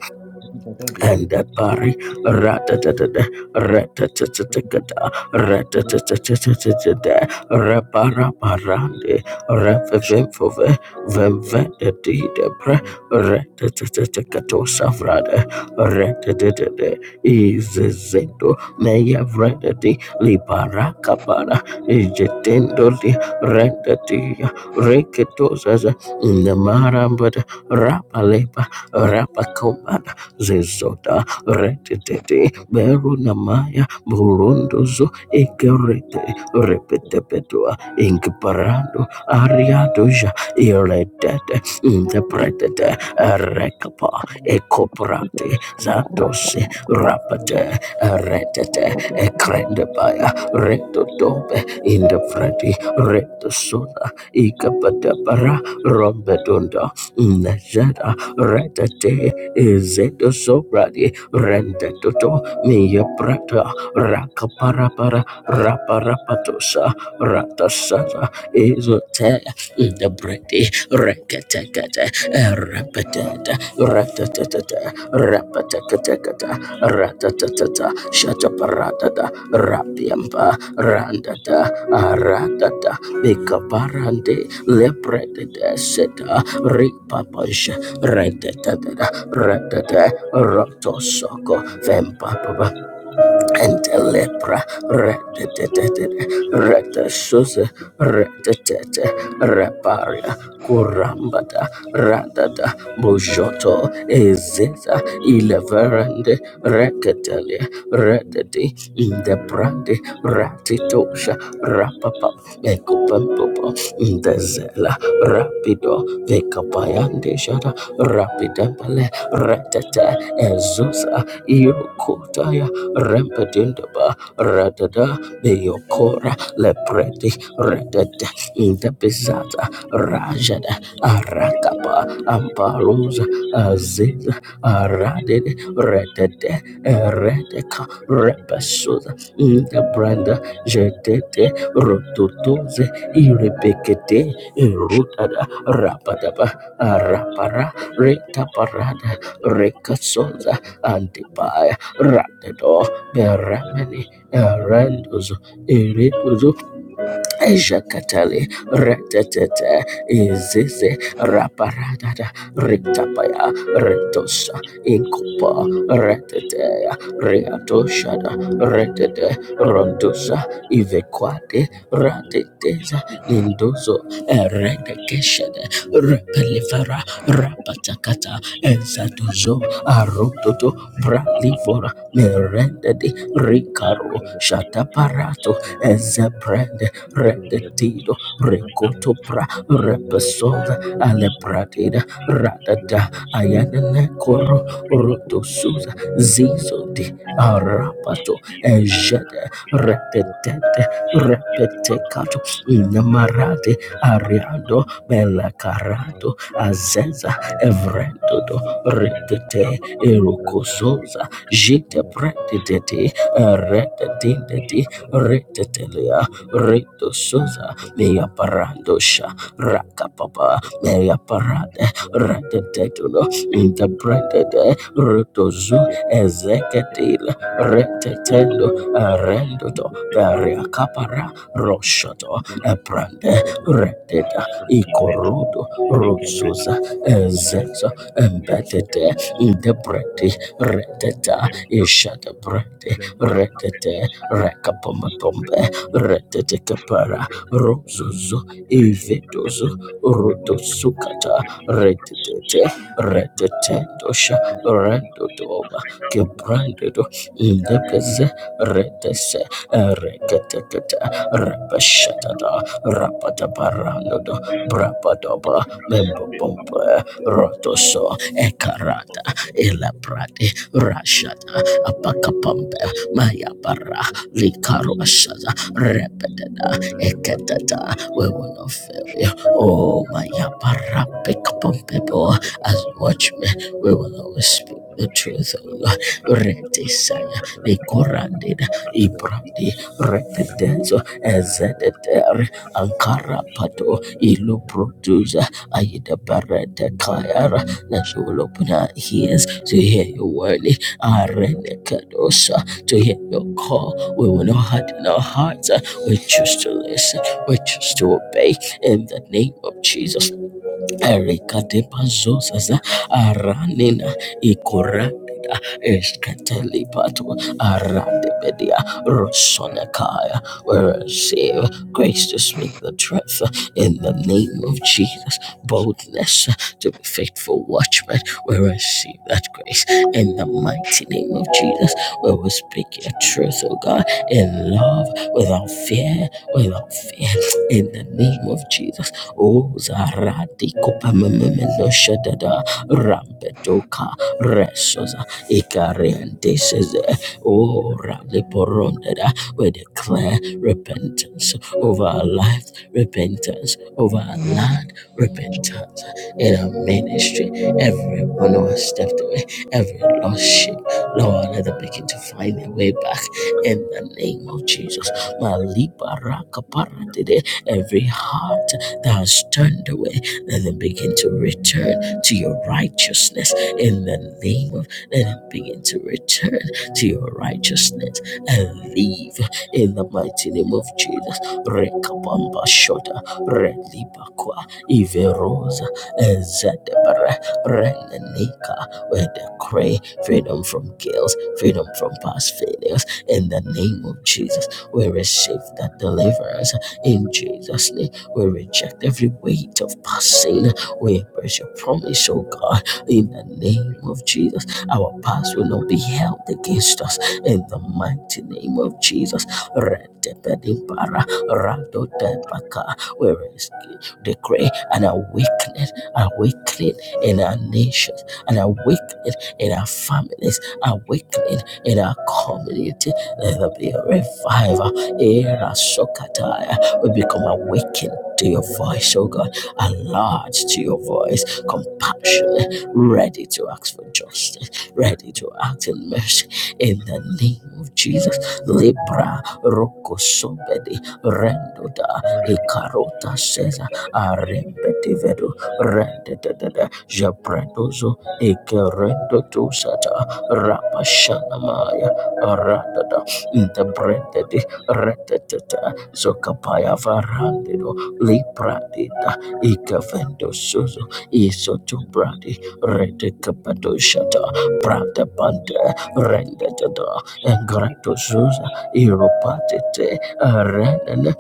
C: Andabari, ratatatada, ratatatakada, ratatatatatatada, raparaparande, rapavemfove, vemvedadidabra, ratatatakatosafrada, ratatatada, izezendo, meyavradadi, liparakapara, ijetendoli, randadiya, reketozaza, namarambada, rapalepa, rapakomba, Zezota Retete Berunamaya Burundozo Ekerete Repetepetua Inkparando Ariadoja Iretete Interpretete Rekapa ekoprate Zantose
A: bu bu
C: Rapate Retete
A: bu
C: Ekrendebaya Retodobe Interpreti Retosona Ikapatapara Rombedunda Nezeta Retete Ezeto sobradi rendeto meya prata rakaparapara raparapatosa ratasara ezote the bredi rekete Repetenta, ratatata, rapatakata, ratatata, shataparatata, rapiampa, randata, aratata, bikaparande, lepretata, seta, ripapash, rentatata, ratata, rotosoko, vempapa, and the lepra retasuze retetete reparia kurambata radada bojoto ezeza ileverende reketele rededi ndebrande ratitosha rapapa ekopempopo ndezela rapido vekapayandeshada rapidembele retete ezuza irokotaya Rampedindaba, Radada, Neokora, Lepreti, Redada, Indabizata, Rajada, Arakapa, Ambaruza, Aziza, Aradid, Redade, Eredeka, Repasuza, Indabranda, Jedete, Rotutuze, Iribekete, Irutada, Rapadaba, Arapara, Retaparada, Rekasoza,
E: Thank
C: Antipaya,
E: you.
C: Radedo, Meramene, Arandozo, Eredozo, Jakatali Retetete Izizi Raparadada Ritapaya Retosa Inkopa Retetea Reatoshada Retete Rondosa Ivequate Rateteza Lindozo Eredekeshede Repelifera Rapatakata Ezadozo Arototo Bralivora Merendedi Ricaro Shataparato
E: I'm not a man.
C: Ezebrende Redetido, Recotopra, Repesova, Alepratida, Radada, Ayanene Coro, Rotosuza, Zizo di Arapato, Ejede, Redetete, Repetecato, Inamarate, Ariando, Melacarato, Azeza, evredodo, Repete, Erocososa, Gita Pretidete, Redetindeti, Retetelia, Rito Suza, mea Parandosha, Raka Papa, Mia Parade, Ratetetulo, Interpreted, Rito Zu, Ezekiel, Retetendo, Rendoto, Peria Capara, Roshoto, Eprande, Reteta, Ikorodo, Rosuza, Ezezo, Embetete, Interpreti, Reteta, Ishata Brete, Retete, Rekapomapombe, retetekapara rozozo ivedozo rotosukata retetete retetendosha rendodoba kebrandedo ndepeze retese reketekete repeshetada rapataparanodo Brabadoba, Membobomba, Rotoso, Ekarata,
E: Thank you.
C: Elabrade, Rashada, Apakapamba, Mayabara, Likarwashada, Repeteda, Eketata, we will not fail you. Oh, Mayabara, pick up as watchmen, we will always speak. The truth, O Lord, Retisaya, Nikorandida, Ibradi, Retedenzo, Ezedeter, Ankara Pato Ilu Produza Aida Barata Kayara that you will open our ears to hear your word Arene Kadosa to hear your call. We will not harden our hearts. uh, We choose to listen. We choose to obey in the name of Jesus erikatepazosaza aranina ikoratida eskatelipato aradebedia rosonakaya. We receive grace to speak the truth in the name of Jesus. Boldness to be faithful watchmen. We receive that grace in the mighty name of Jesus. We will speak your truth, O God in love, without fear, without fear, in the name of Jesus. Oh, Zarati Kopamamendo Shadada Rampedoka Resosa Ikariante says, Oh, Raliporondada, we declare repentance over our life, repentance over our land, repentance in our ministry. Every one of us stepped away, every lost sheep, Lord, let them begin to find their way back in the name of Jesus. Malibarakaparatide. Every heart that has turned away, let them begin to return to your righteousness in the name of, let them begin to return to your righteousness and leave in the mighty name of Jesus. Rekabamba shota, relibakwa, iverosa, ezedebere, renenika. We decree freedom from guilt, freedom from past failures in the name of Jesus. We receive that deliverance in Jesus' name. We reject every weight of past sin. We embrace your promise, oh God, in the name of Jesus. Our past will not be held against us in the mighty name of Jesus. Redepedimpara, radotepaka. We rescue, decree an awakening, awakening in our nations, an awakening in our families, awakening in our community let there be a revival. Era Sokataya. We become awakened to your voice, oh God. Alert to your voice. Compassionate. Ready to ask for justice. Ready to act in mercy. In the name of Jesus. Libra Roko Sobedi Rendoda Ikarota Cesar Arembetivedo Rendedada Jabrandozo Ikerendo Tusata Rapashanamaya Aradada ida brendedi retetete sokapaya varandido libradida ikavendo suzo isotobradi redekapadoshata prata pante rendetada engrato suza iropatete renene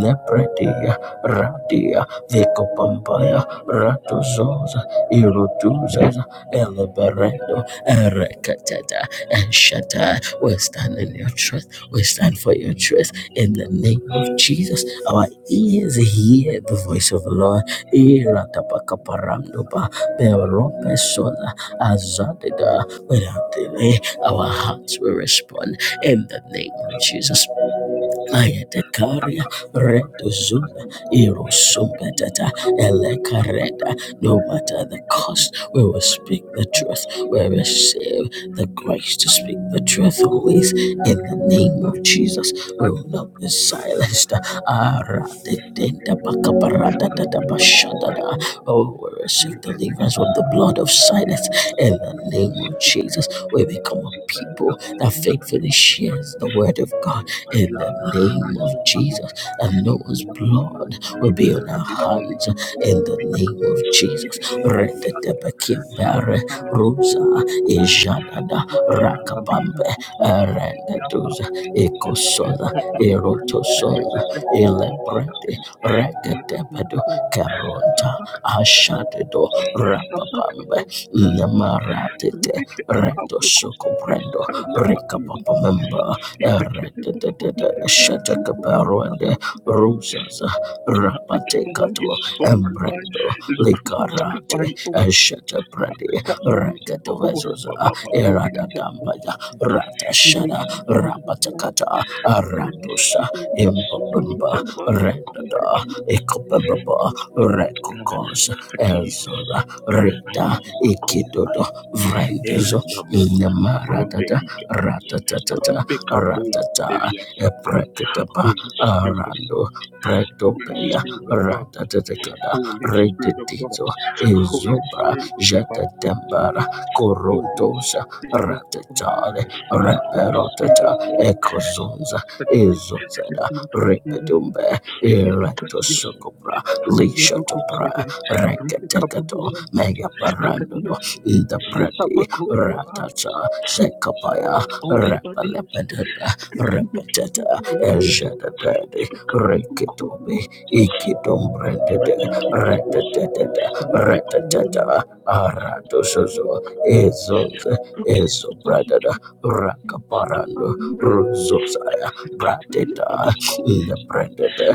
C: nepredia radia vekopampaya ratozoza irotuzaza eleberendo erekatata and Shaddai. We stand in your truth. We stand for your truth in the name of Jesus. Our ears hear the voice of the Lord. Iratapakaparamdoba, berompesona, azadida. Without delay, our hearts will respond in the name of Jesus. Ayatakaria Redozuda Irosumbetata Elekareda. No matter the cost, we will speak the truth. We
E: Thank you.
C: receive the grace to speak the truth always. In the name of Jesus, we will not be silenced. Oh, we receive deliverance from the blood of silence. In the name of Jesus, we become a people that
E: Thank
C: faithfully shares
E: you.
C: the word of God
E: I I I
C: in
E: love,
C: the name of
E: love my
C: Jesus.
E: mother.
C: And
E: She's the
C: Noah's
E: one who
C: blood will be on
E: I've
C: our
E: been on the
C: hands in
E: book.
C: the name of Jesus.
E: Ibrahim Mokulatila,
C: Retetepekimbere,
E: Sandista Melako,
C: Rusa,
E: the Koyan,
C: Ijadada,
E: Sufi Brahmabina,
C: Rakabambe,
E: Bori, Yaka,
C: Erendeduza, Ekosoda,
E: Kapakoria, Tilia,
C: Erotosoda,
E: the Betty,
C: Elebrede,
E: Sabi,
C: Reketepedo,
E: Yako,
C: Karonta,
E: Tabaka,
C: Ashadedo,
E: Tabaka,
C: Rapabambe, Nemaratete,
E: Rebecca,
C: Reto
E: Kakao, Constitution,
C: Sokobrendo,
E: Talia, Papina,
C: Rekapapamemba,
E: Ibrahim, the Koyan,
C: Eredededede,
E: the Thank
C: Shetekaparuende,
E: you.
C: Rusas,
E: Applicator sein
C: Rapatekato,
E: ist so goodbye,
C: Embrendo,
E: liquid is
C: Likarate,
E: goodbye, oh, I've
C: Shetapredi,
E: got moves and bubbles,
C: Reketovezosa,
E: bubble, bubble, and bubble.
C: Eradadambaya,
E: You
C: Ratashada,
E: receive the mark,
C: Rapatakata,
E: the Christ
C: Aratusa,
E: is the super
C: Imbabamba,
E: intelligent, you conquer
C: Rendada,
E: kings.
C: Ekobamba, Rekokos,
E: Adi,
C: Elzoda, Rita,
E: adi, kofa,
C: Ikidodo, Vrendizo,
E: elena moma, rombe
C: Nemaradada,
E: hija,
C: Ratatatata,
E: rupe kamon,
C: ratata
E: delia sate.
C: eprekatapa
E: Holy Spirit of God,
C: arando
E: Holy
C: pretopelia
E: Spirit of God,
C: ratatatekada
E: Holy Spirit of God,
C: redetizo
E: Holy
C: ezobra
E: Spirit of God,
C: jatatembara
E: Holy
C: korontosa
E: Thank you.
C: ratatale reperotata ekozonza ezozera repedumbe eretosokobra lishatobra rekatekato megaparandodo indabredi ratata sekapaya Rapalapadada, Rapatata, Ejadadadi, Rekitomi, Ikidombrendede, Ratatata, Ratatata, Aratosozo, Ezonze, Ezobradada, Rakaparando, Ruzosaya, Brateta, Nebrendede,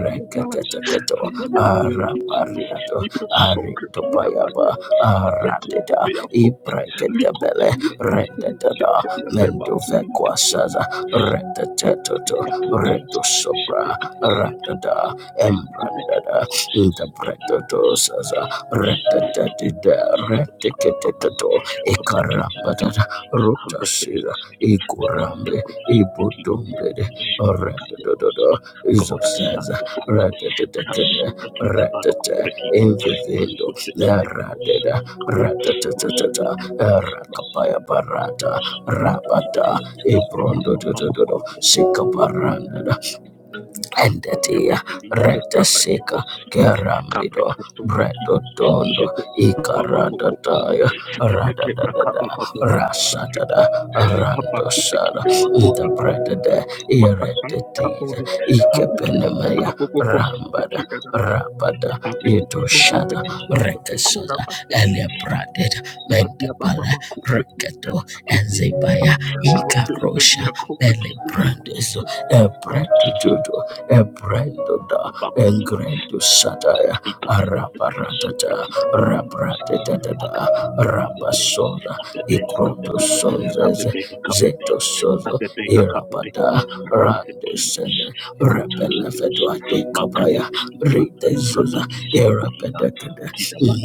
C: Rekatatato, Arapariato, Aritopayaba, Arateta, Ibreketabele, Rendada, mendo vequasaza retetoto reto sobra ratada embrandada interpretoto saza retetetida reteketeteto ekarambatata rotasira ikurambe ibutumbede retedododo
E: God has
C: izosaza
E: sanctified me.
C: te
E: And as some pretty the barnacle
C: retete
E: pretty, my
C: imvivindo
E: soul pretty the people so
C: rateda
E: you can't. My soul
C: reteteteteta
E: pretty, my soul
C: kapaya barata
E: Thank
C: Rabata, Ebrondo, Sikaparanda, endetia rete sika kerambido bredo tondo ikarada taya rada da, ikaradataya da, rasatada randosada the bredede iredetida ikepenemeya rambada rabada itoshada rekesada elebraded mendebale reketo enzebaya ikarosha belebrandeso
E: you.
C: ebredududu Ebrendoda
E: Bakuya,
C: Engrendu Sataya
E: we come to the Christ.
C: Araparatata Rapratetata Rapasola Ikroto Sonzes Zeto Solo Irapada Randesende Repelefedua de Kabaya Rite Zuza Irapedekede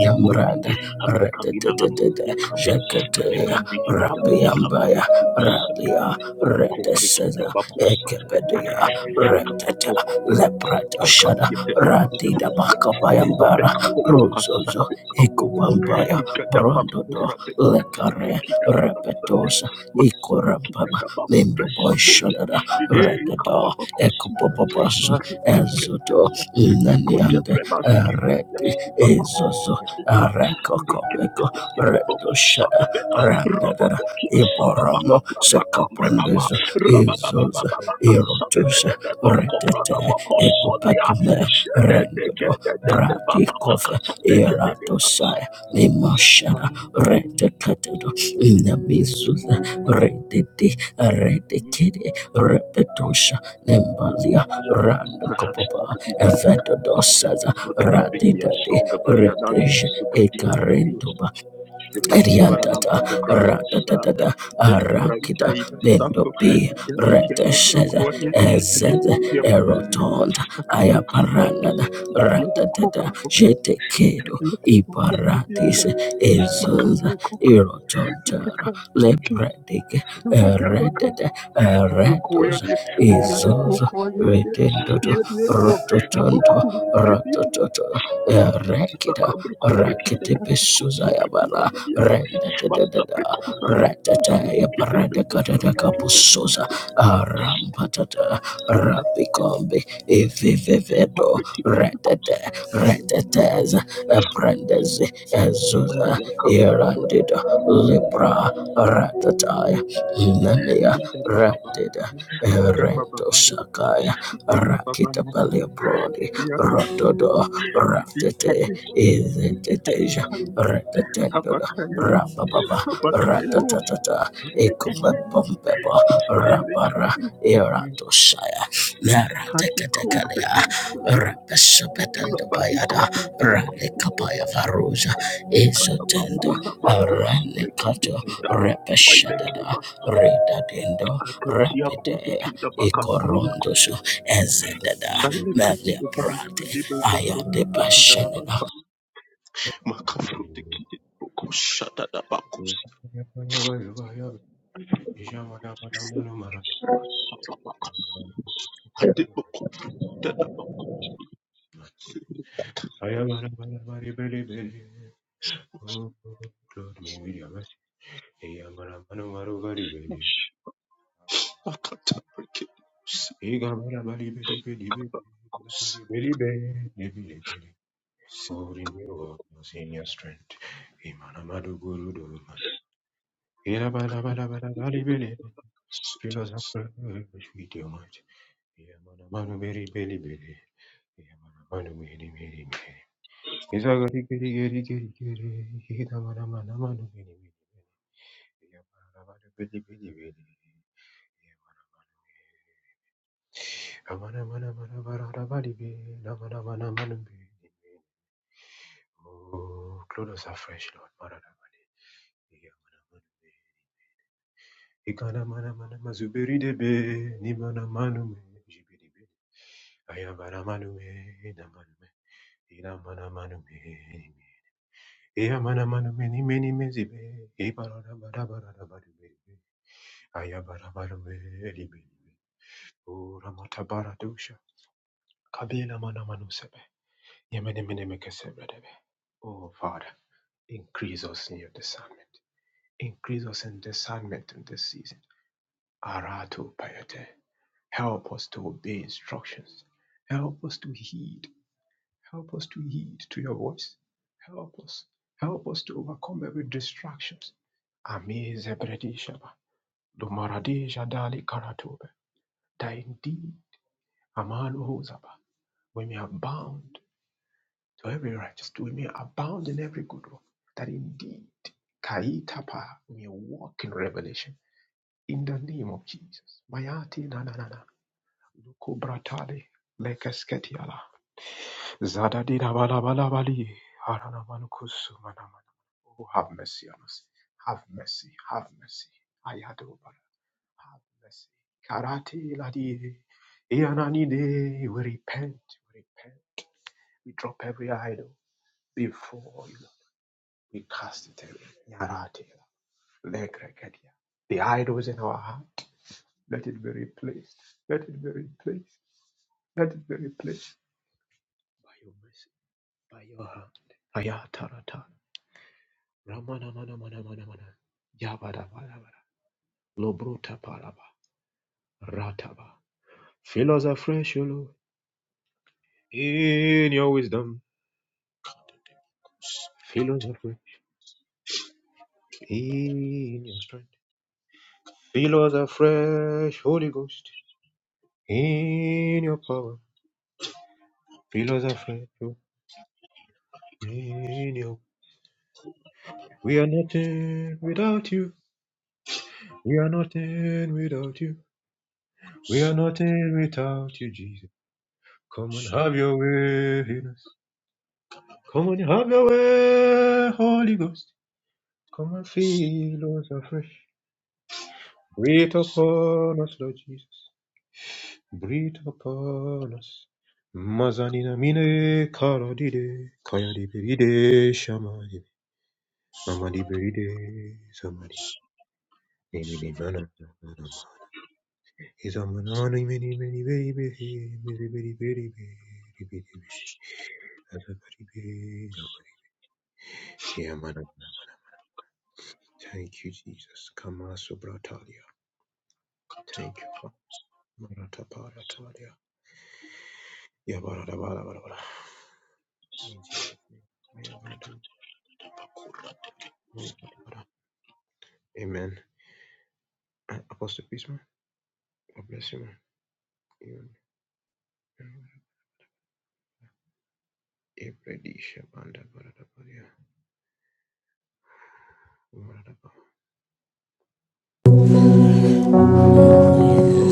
C: Yamrada Retetetete Jekatea Rabiambaya Radia Reteseza
E: Concrete
C: Ekepedia Retete, Lepreta Shada, Radida Bakapayambara, Rosozo, Ikupambaya, Brondodo, Lekare, Repetosa, Ikorambaba, Limbo Boy Shadada, Redada,
E: Hey,
C: Ekopopopos, Ezodo, Inaniande, Ereti, Ezozo, Areko Kopeko, Rendo Shada, Randada, Iboromo, Sekapondezo, Ezoza, Erotus, retete ekopekome rendodo bradikove eratosai mimashana reteketedo nemizuza redede redekede repetosha nembalia randokopapa evedodosaza radidade
E: Songa Balianangi,
C: reteje
E: Sukri, the Balios, Repetire varadanco
C: Eriantata,
E: hocranis
C: Ratatata,
E: del Ibraica
C: Arakida,
E: iber
C: Bendo
E: safo
C: B,
E: Diabin tia babi
C: Reteshed,
E: acorie Alien
C: Ezed,
E: ocia babi
C: Erotond,
E: Acadio compaci
C: Ayaparanada,
E: Acadio
C: Ratatata,
E: coca Ocia
C: Jete kedo
E: Acadio coca Acadio
C: Iparatis,
E: coca
C: Ezuz,
E: Macadio coca
C: Erotontera,
E: Apreca Ocia
C: Lepredic,
E: Abaca abaca
C: Eredet,
E: Acadio coia
C: Eretos,
E: dia Acadio
C: Ezuz,
E: ocoie dia
C: Retendoto,
E: Iadio Apoco
C: Rototonto,
E: Acadio
C: Rotototo, Erekida,
E: Abro compra Kida Parabaco
C: Rakitipisuzayabaran.
E: sopra Must have
C: Rendadadada,
E: I have been close,
C: Ratataya Paradakadada Kapusosa, Arampatata, Rapikombe, Evivevedo, Ratata, Ratataz, Brandes, Azusa,
E: really
C: Irandida, Libra, Ratataya, Namia, Randida, Erento Sakaya, Rakita Palebrodi,
E: yeah,
C: Rotodo,
E: yeah,
C: Ratete, Izeteteja, Retatendo, Rabababa, Ratatata, Ekombebomba, Rabara, Eradoshaya, Mera Tekatekalia, Rapesopetanda Bayada, Ralikapaya Varuza, Isotendo, Aranikato, Repeshadada, Redadindo, Rapidea, Ikorondoso, Ezedada, Melia Prate, Ayade Bashanina,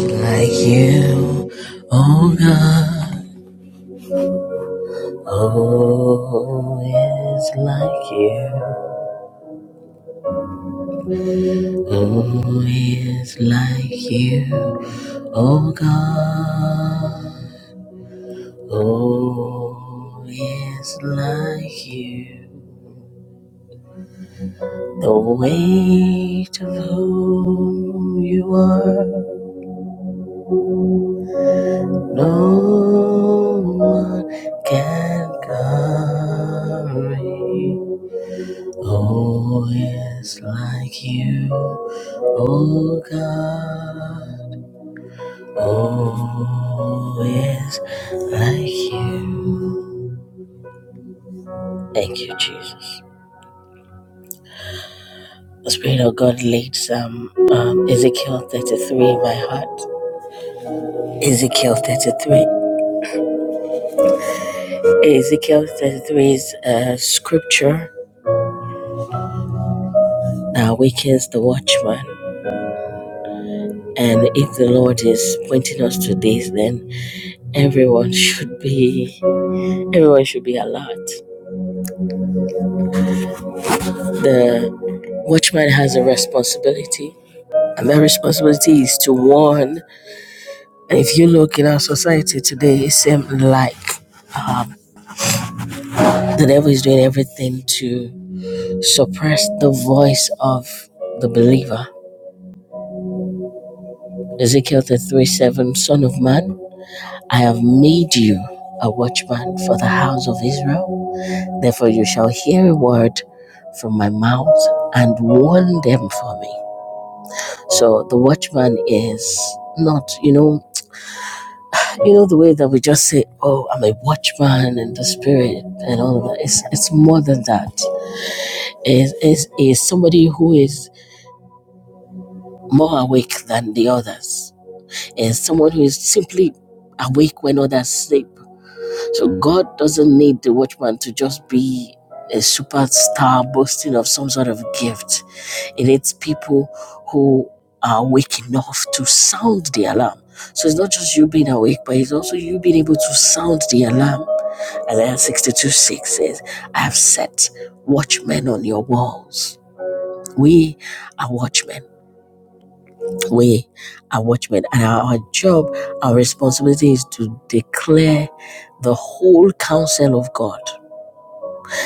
C: like you, oh God. Oh, it's like you. Oh, it's like you, oh God. Oh, it's like you. The weight of who you are, no one can carry. Oh, yes, like you, oh God. Oh, yes, like you. Thank you, Jesus. The Spirit of God leads some um, Ezekiel 33 in my heart. Ezekiel 33. Ezekiel 33 is a scripture that awakens the watchman. And if the Lord is pointing us to this, then everyone should be everyone should be alert. The watchman has a responsibility, and that responsibility is to warn. And if you look in our society today, it seems like um, the devil is doing everything to suppress the voice of the believer. Ezekiel 33 7, Son of man, I have made you a watchman for the house of Israel. Therefore, you shall hear a word from my mouth and warn them for me. So the watchman is not, you know, You know, the way that we just say, oh, I'm a watchman and the spirit and all of that. It's, it's more than that. It's, it's, it's somebody who is more awake than the others. It's someone who is simply awake when others sleep. So God doesn't need the watchman to just be a superstar boasting of some sort of gift It needs people who are awake enough to sound the alarm. So it's not just you being awake, but it's also you being able to sound the alarm. Isaiah 62 6 says, I have set watchmen on your walls. We are watchmen. We are watchmen. And our job, our responsibility is to declare the whole counsel of God.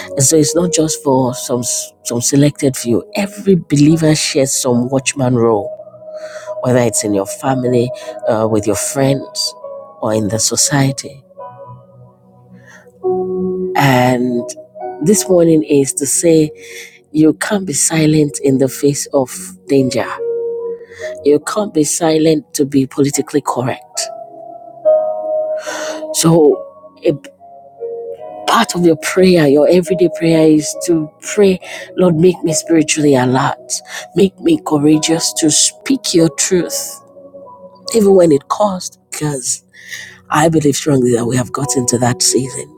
C: And so it's not just for some some selected few. Every believer shares some watchman role whether it's in your family, uh, with your friends, or in the society. And this warning is to say you can't be silent in the face of danger. You can't be silent to be politically correct. So, a part of your prayer, your everyday prayer, is to pray, Lord, make me spiritually alert, make me courageous to speak your truth, even when it costs, because I believe strongly that we have gotten to that season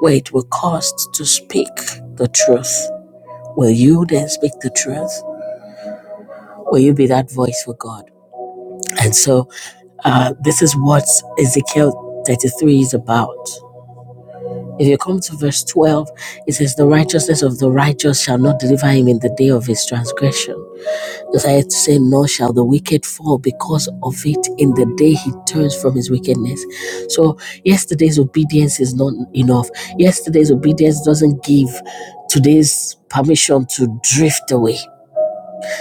C: where it will cost to speak the truth. Will you then speak the truth? Will you be that voice for God? And so uh, this is what Ezekiel 33 is about. If you come to verse 12, it says, The righteousness of the righteous shall not deliver him in the day of his transgression. Isaiah to say, Nor shall the wicked fall because of it in the day he turns from his wickedness. So, yesterday's obedience is not enough. Yesterday's obedience doesn't give today's permission to drift away.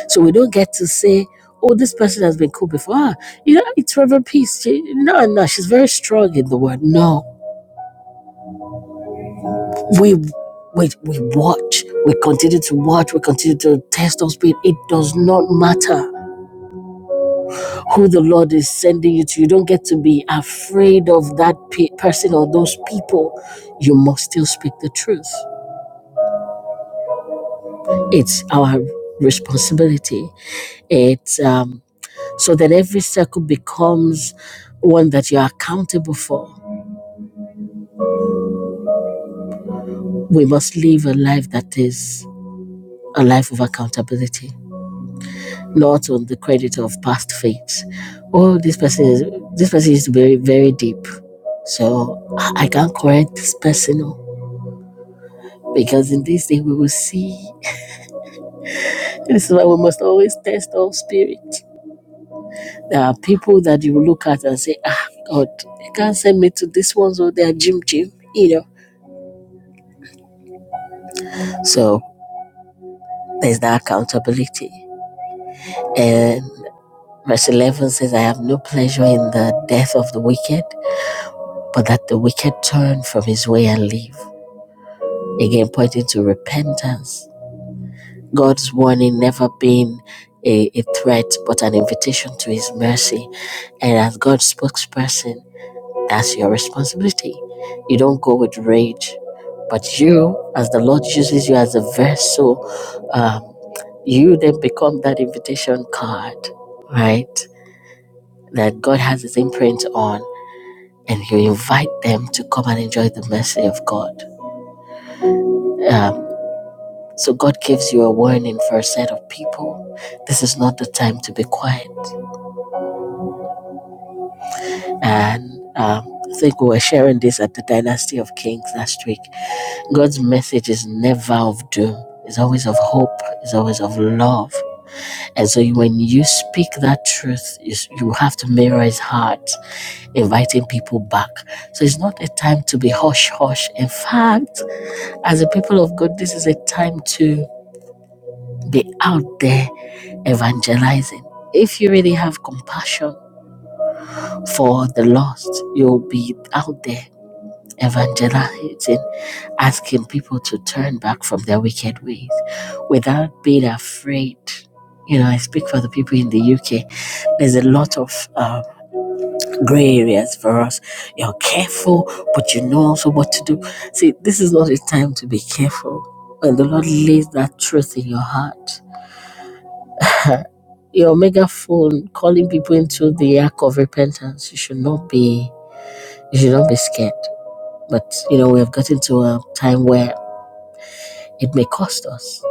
C: So, we don't get to say, Oh, this person has been cool before. Ah, you know, it's Reverend Peace. She, no, no, she's very strong in the word. No, we, we, we watch. We continue to watch. We continue to test our speed. It does not matter who the Lord is sending you to. You don't get to be afraid of that pe- person or those people. You must still speak the truth. It's our responsibility. It's um, so that every circle becomes one that you're accountable for. We must live a life that is a life of accountability, not on the credit of past faiths. Oh, this person is this person is very very deep, so I I can't correct this person. oh. because in this day we will see. This is why we must always test all spirit. There are people that you will look at and say, ah, God, they can't send me to this one, so they are Jim Jim, you know. So there's that accountability. And verse 11 says, I have no pleasure in the death of the wicked, but that the wicked turn from his way and live. Again, pointing to repentance. God's warning never been a, a threat but an invitation to his mercy. And as God's spokesperson, that's your responsibility. You don't go with rage, but you, as the Lord uses you as a vessel, um, you then become that invitation card, right? That God has his imprint on, and you invite them to come and enjoy the mercy of God. Um, So God gives you a warning for a set of people. This is not the time to be quiet. And um, I think we were sharing this at the Dynasty of Kings last week. God's message is never of doom. It's always of hope. It's always of love. And so when you speak that truth, you have to mirror his heart, inviting people back. So it's not a time to be hush hush. In fact, as a people of God, this is a time to be out there evangelizing. If you really have compassion for the lost, you'll be out there evangelizing, asking people to turn back from their wicked ways without being afraid. You know, I speak for the people in the UK. There's a lot of uh, gray areas for us. You're careful, but you know also what to do. See, this is not a time to be careful. When the Lord lays that truth in your heart, *laughs* your megaphone calling people into the act of repentance. You should not be you should not be scared. But you know, we have gotten to a time where it may cost us.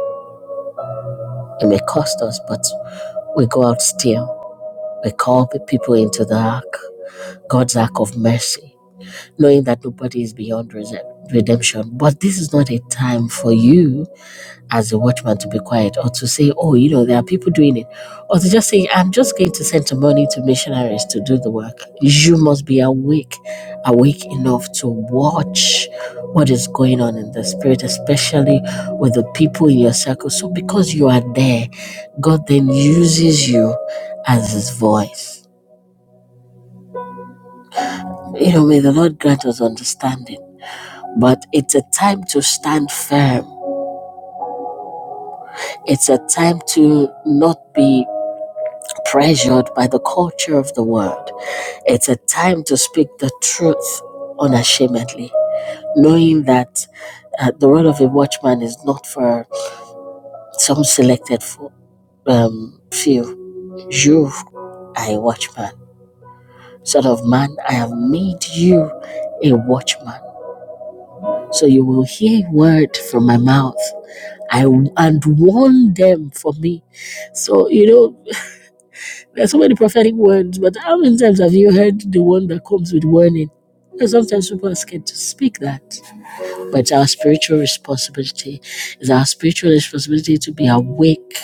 C: It may cost us, but we go out still. We call the people into the ark, God's ark of mercy, knowing that nobody is beyond redemption. But this is not a time for you as a watchman to be quiet or to say, oh, you know, there are people doing it, or to just say, I'm just going to send some money to missionaries to do the work. You must be awake, awake enough to watch what is going on in the spirit, especially with the people in your circle. So because you are there, God then uses you as his voice. You know, may the Lord grant us understanding. But it's a time to stand firm. It's a time to not be pressured by the culture of the world. It's a time to speak the truth unashamedly, knowing that uh, the role of a watchman is not for some selected fo- um, few. You are a watchman. Son of man, I have made you a watchman. So you will hear a word from my mouth. I and warn them for me. So you know There are so many prophetic words, but how many times have you heard the one that comes with warning? Because sometimes people are scared to speak that. But it's our spiritual responsibility. It's our spiritual responsibility to be awake.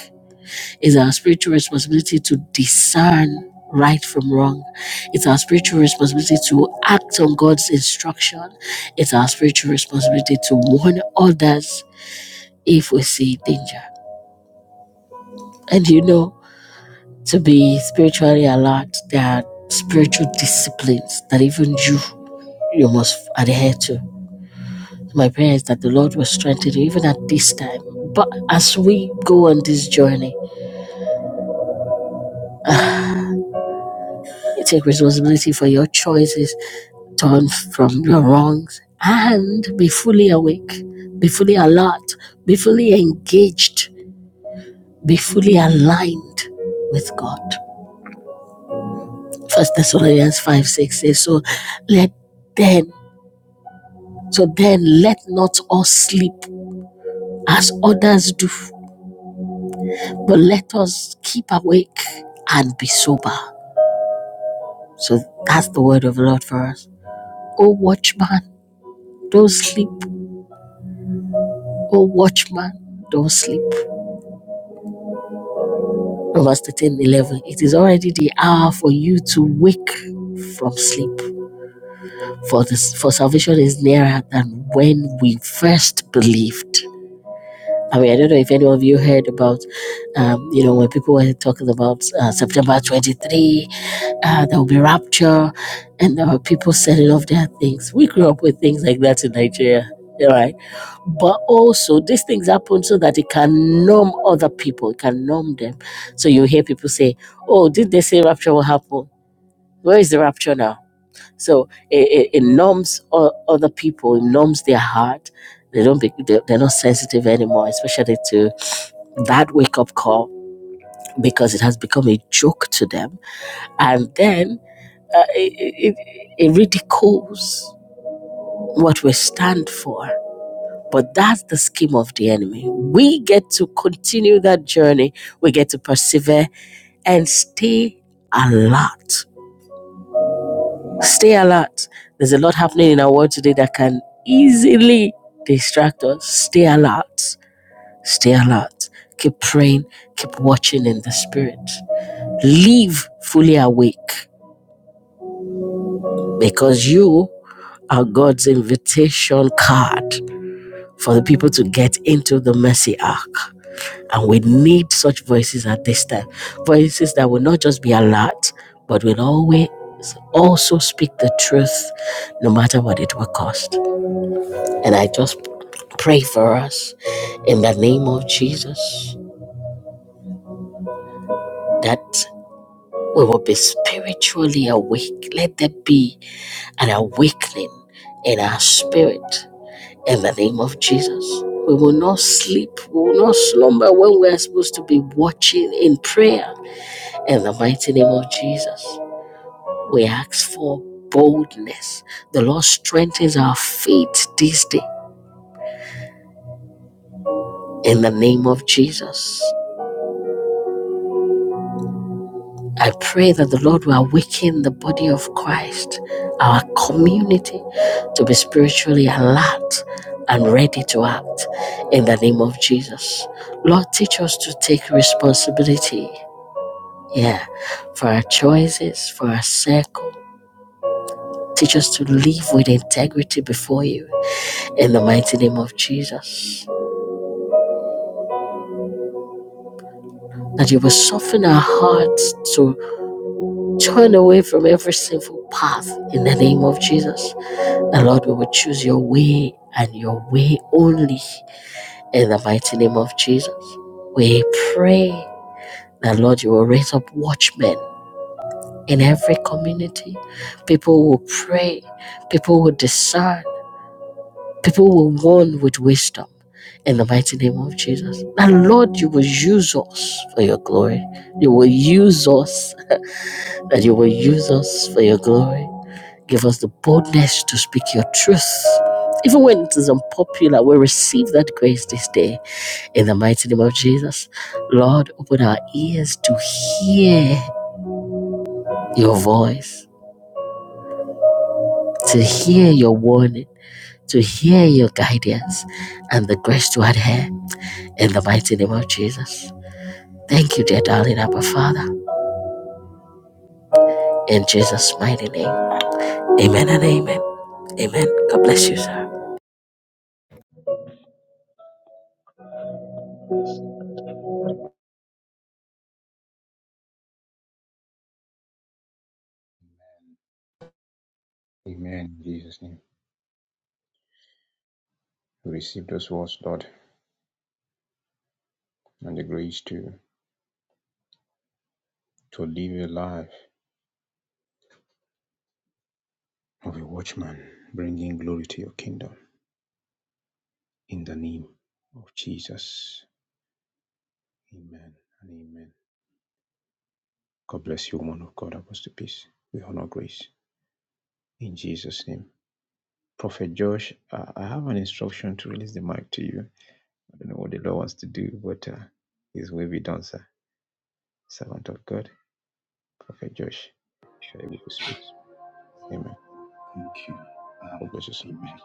C: It's our spiritual responsibility to discern right from wrong. It's our spiritual responsibility to act on God's instruction. It's our spiritual responsibility to warn others if we see danger. And you know, to be spiritually alert. There are spiritual disciplines that even you you must adhere to. My prayer is that the Lord will strengthen you even at this time. But as we go on this journey, you take responsibility for your choices, turn from your wrongs, and be fully awake, be fully alert, be fully engaged, be fully aligned with God. First Thessalonians 5 6 says, So let then So then let not us sleep as others do, but let us keep awake and be sober. So that's the word of the Lord for us. Oh, watchman, don't sleep. Oh, watchman, don't sleep. Proverbs 13, 11. It is already the hour for you to wake from sleep, for, this, for salvation is nearer than when we first believed. I mean, I don't know if any of you heard about, um, you know, when people were talking about uh, September 23, uh, there will be rapture, and there were people selling off their things. We grew up with things like that in Nigeria, right? But also, these things happen so that it can numb other people, it can numb them. So you hear people say, oh, did they say rapture will happen? Where is the rapture now? So it, it, it numbs other people, it numbs their heart. They don't be, they're not sensitive anymore, especially to that wake up call because it has become a joke to them. And then uh, it, it, it ridicules what we stand for. But that's the scheme of the enemy. We get to continue that journey, we get to persevere and stay alert. Stay alert. There's a lot happening in our world today that can easily distract us. Stay alert. Stay alert. Keep praying. Keep watching in the spirit. Live fully awake because you are God's invitation card for the people to get into the mercy ark. And we need such voices at this time. Voices that will not just be alert, but will always also speak the truth, no matter what it will cost. And I just pray for us in the name of Jesus that we will be spiritually awake. Let there be an awakening in our spirit in the name of Jesus. We will not sleep, we will not slumber when we are supposed to be watching in prayer in the mighty name of Jesus. We ask for boldness. The Lord strengthens our faith this day in the name of Jesus. I pray that the Lord will awaken the body of Christ, our community, to be spiritually alert and ready to act in the name of Jesus. Lord, teach us to take responsibility, yeah, for our choices, for our circle. Teach us to live with integrity before you in the mighty name of Jesus. That you will soften our hearts to turn away from every sinful path in the name of Jesus The Lord, we will choose your way and your way only in the mighty name of Jesus. We pray that, Lord, you will raise up watchmen in every community. People will pray, people will discern, people will warn with wisdom in the mighty name of Jesus. That, Lord, you will use us for your glory. You will use us, that you will use us for your glory. Give us the boldness to speak your truth. Even when it is unpopular, we receive that grace this day. In the mighty name of Jesus, Lord, open our ears to hear your voice, to hear your warning, to hear your guidance, and the grace to adhere. In the mighty name of Jesus. Thank you, dear darling Abba Father. In Jesus' mighty name. Amen and amen. Amen. God bless you, sir.
E: Thank you. Um, amen. Amen.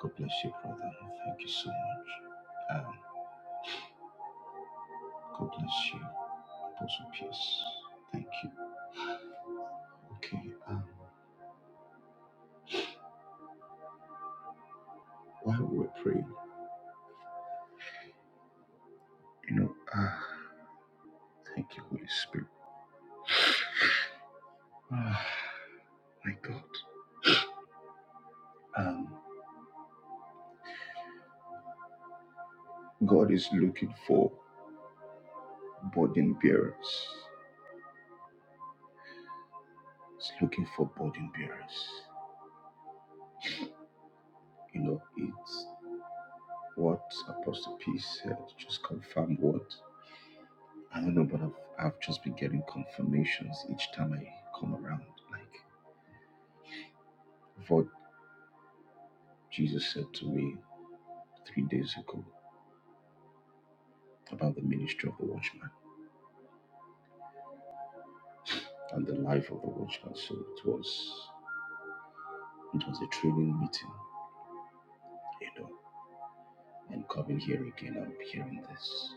E: God bless you, brother. Thank you so much. Um, God bless you, Apostle Peace. Thank you. Okay, um, while we're praying, you know, ah, thank you, Holy Spirit. Ah, my God. Um, God is looking for burden bearers. He's looking for burden bearers. You know, it's what Apostle P said, just confirm what. I don't know, but I've, I've just been getting confirmations each time I come around. Like what Jesus said to me three days ago about the ministry of the watchman and the life of the watchman. So it was It was a thrilling meeting, you know, and coming here again, I'm hearing this.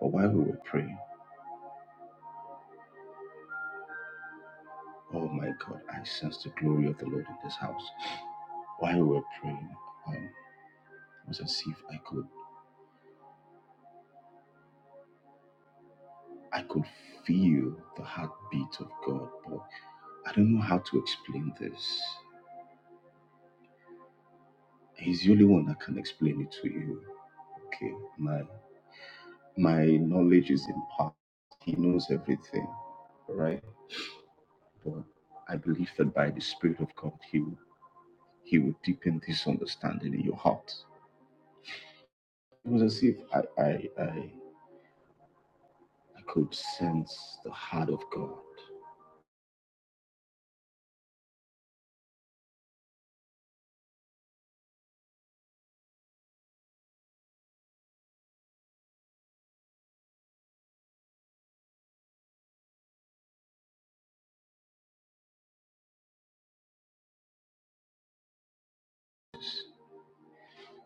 E: But while we were praying, oh my God, I sensed the glory of the Lord in this house. *sniffs* While we were praying, um, it was as if I could, I could feel the heartbeat of God. But I don't know how to explain this. He's the only one that can explain it to you. Okay, my my knowledge is in part. He knows everything, right? But I believe that by the Spirit of God, He will He will deepen this understanding in your heart. It was as if I, I, I, I could sense the heart of God,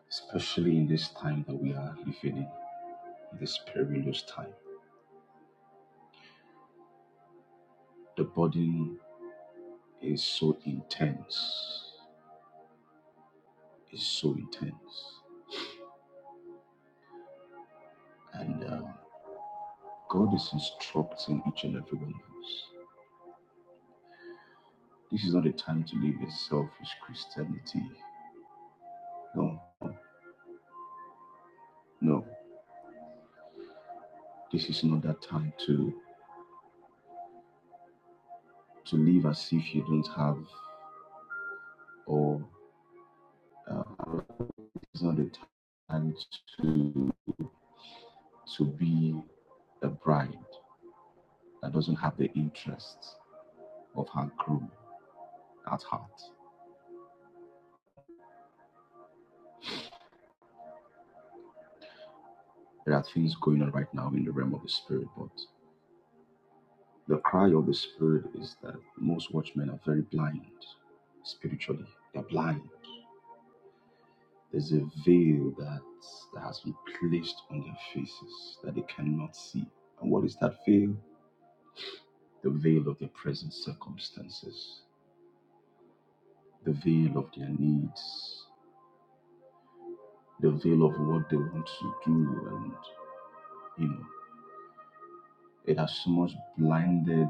E: especially in this time that we are living in, this perilous time. The burden is so intense, is so intense, and uh, God is instructing each and every one of us. This is not a time to live in selfish Christianity. No, no, this is not that time to to live as if you don't have or Um, it's not the time to to be a bride that doesn't have the interests of her groom at heart. There are things going on right now in the realm of the spirit, but the cry of the spirit is that most watchmen are very blind spiritually. They're blind. There's a veil that, that has been placed on their faces that they cannot see. And what is that veil? The veil of their present circumstances. the veil of their needs, the veil of what they want to do, and you know, it has so much blinded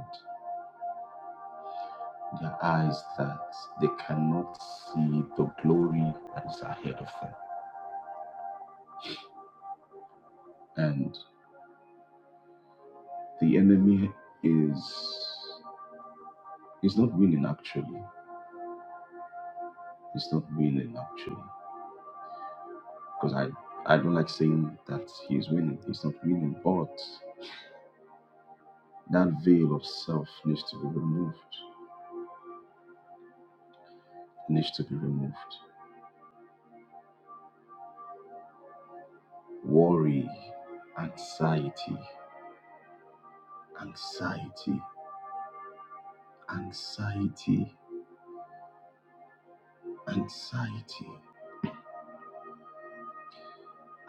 E: their eyes that they cannot see the glory that is ahead of them. And the enemy is is not winning actually. He's not winning actually. Because I I don't like saying that he's winning. He's not winning, but that veil of self needs to be removed. Needs to be removed worry, anxiety, anxiety, anxiety, anxiety,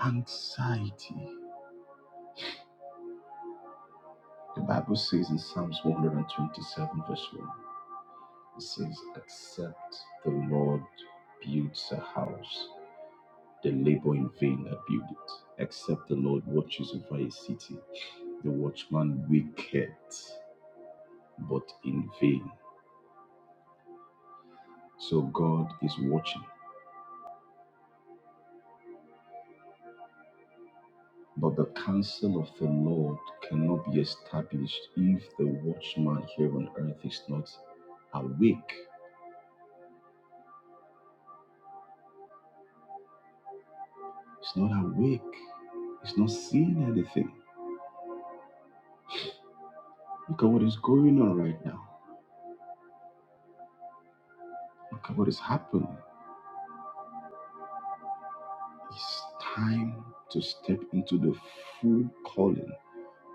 E: anxiety. The Bible says in Psalms 127, verse 1, it says, Except the Lord builds a house, the labor in vain that build it. Except the Lord watches over a city, the watchman waketh, but in vain. So God is watching But the counsel of the Lord cannot be established if the watchman here on earth is not awake. It's not awake. It's not seeing anything. Look at what is going on right now. Look at what is happening. It's time to step into the full calling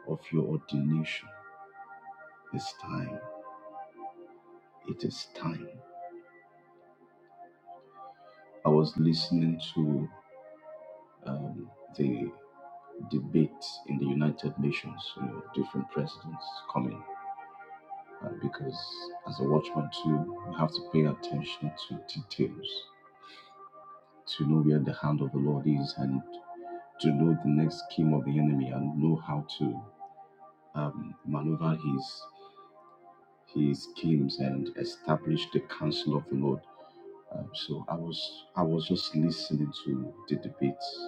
E: of your ordination. It's time. It is time. I was listening to um, the debate in the United Nations, you know, different presidents coming uh, because as a watchman too, you have to pay attention to details to know where the hand of the Lord is and to know the next scheme of the enemy and know how to um, maneuver his his schemes and establish the counsel of the Lord. Um, so I was I was just listening to the debates.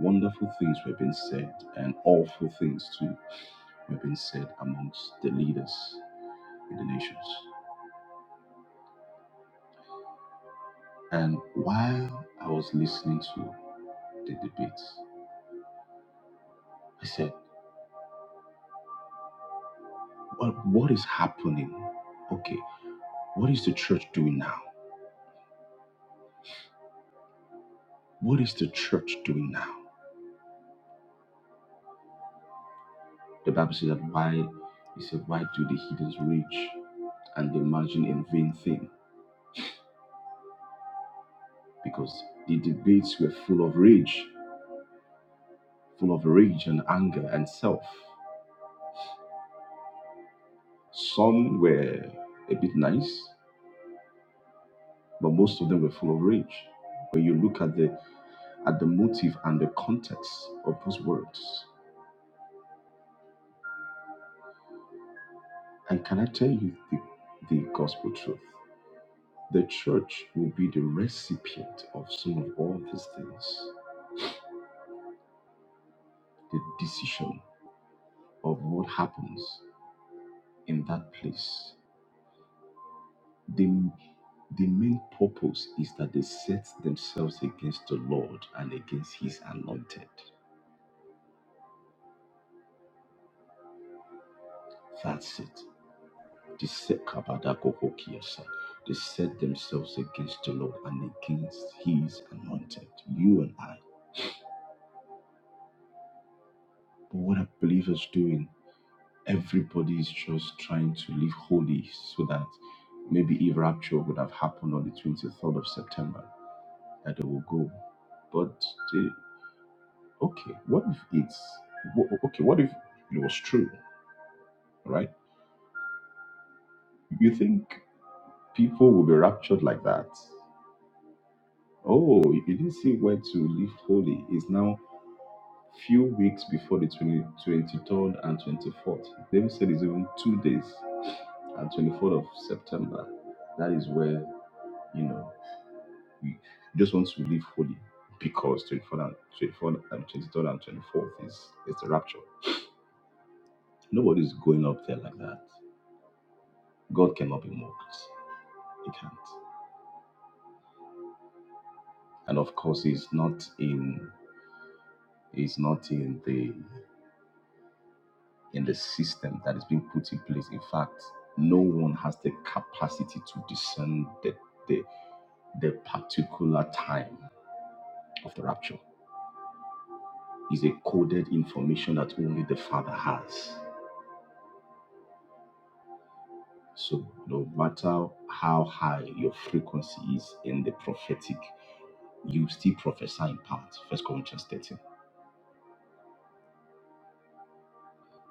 E: Wonderful things were being said and awful things too were being said amongst the leaders in the nations. And while I was listening to the debate. I said, well, what is happening? Okay, what is the church doing now? What is the church doing now? The Bible says that why he said, Why do the heathens rage and the margin in vain thing? Because the debates were full of rage, full of rage and anger and self. Some were a bit nice, but most of them were full of rage. When you look at the at the motive and the context of those words, And can I tell you the, the gospel truth? The church will be the recipient of some of all these things. The decision of what happens in that place. The, the main purpose is that they set themselves against the Lord and against his anointed. That's it. They set Kabadakokokiasa. They set themselves against the Lord and against his anointed. You and I. But what are believers doing? Everybody is just trying to live holy so that maybe if rapture would have happened on the 23rd of September, that they will go. But eh, okay, what if it's wha- okay? What if it was true, right? You think people will be raptured like that? Oh, you didn't see where to live holy. It's now few weeks before the twenty twenty third and 24th. David said it's even two days and 24th of September. That is where, you know. We just want to live holy because 24 and 24 and 23rd and 24th is, is the rapture. Nobody's going up there like that. God cannot be mocked. He can't. And of course, he's not in he's not in the in the system that is being put in place. In fact, no one has the capacity to discern the the, the particular time of the rapture. It's a coded information that only the Father has. So, no matter how high your frequency is in the prophetic, you still prophesy in part. First Corinthians 13.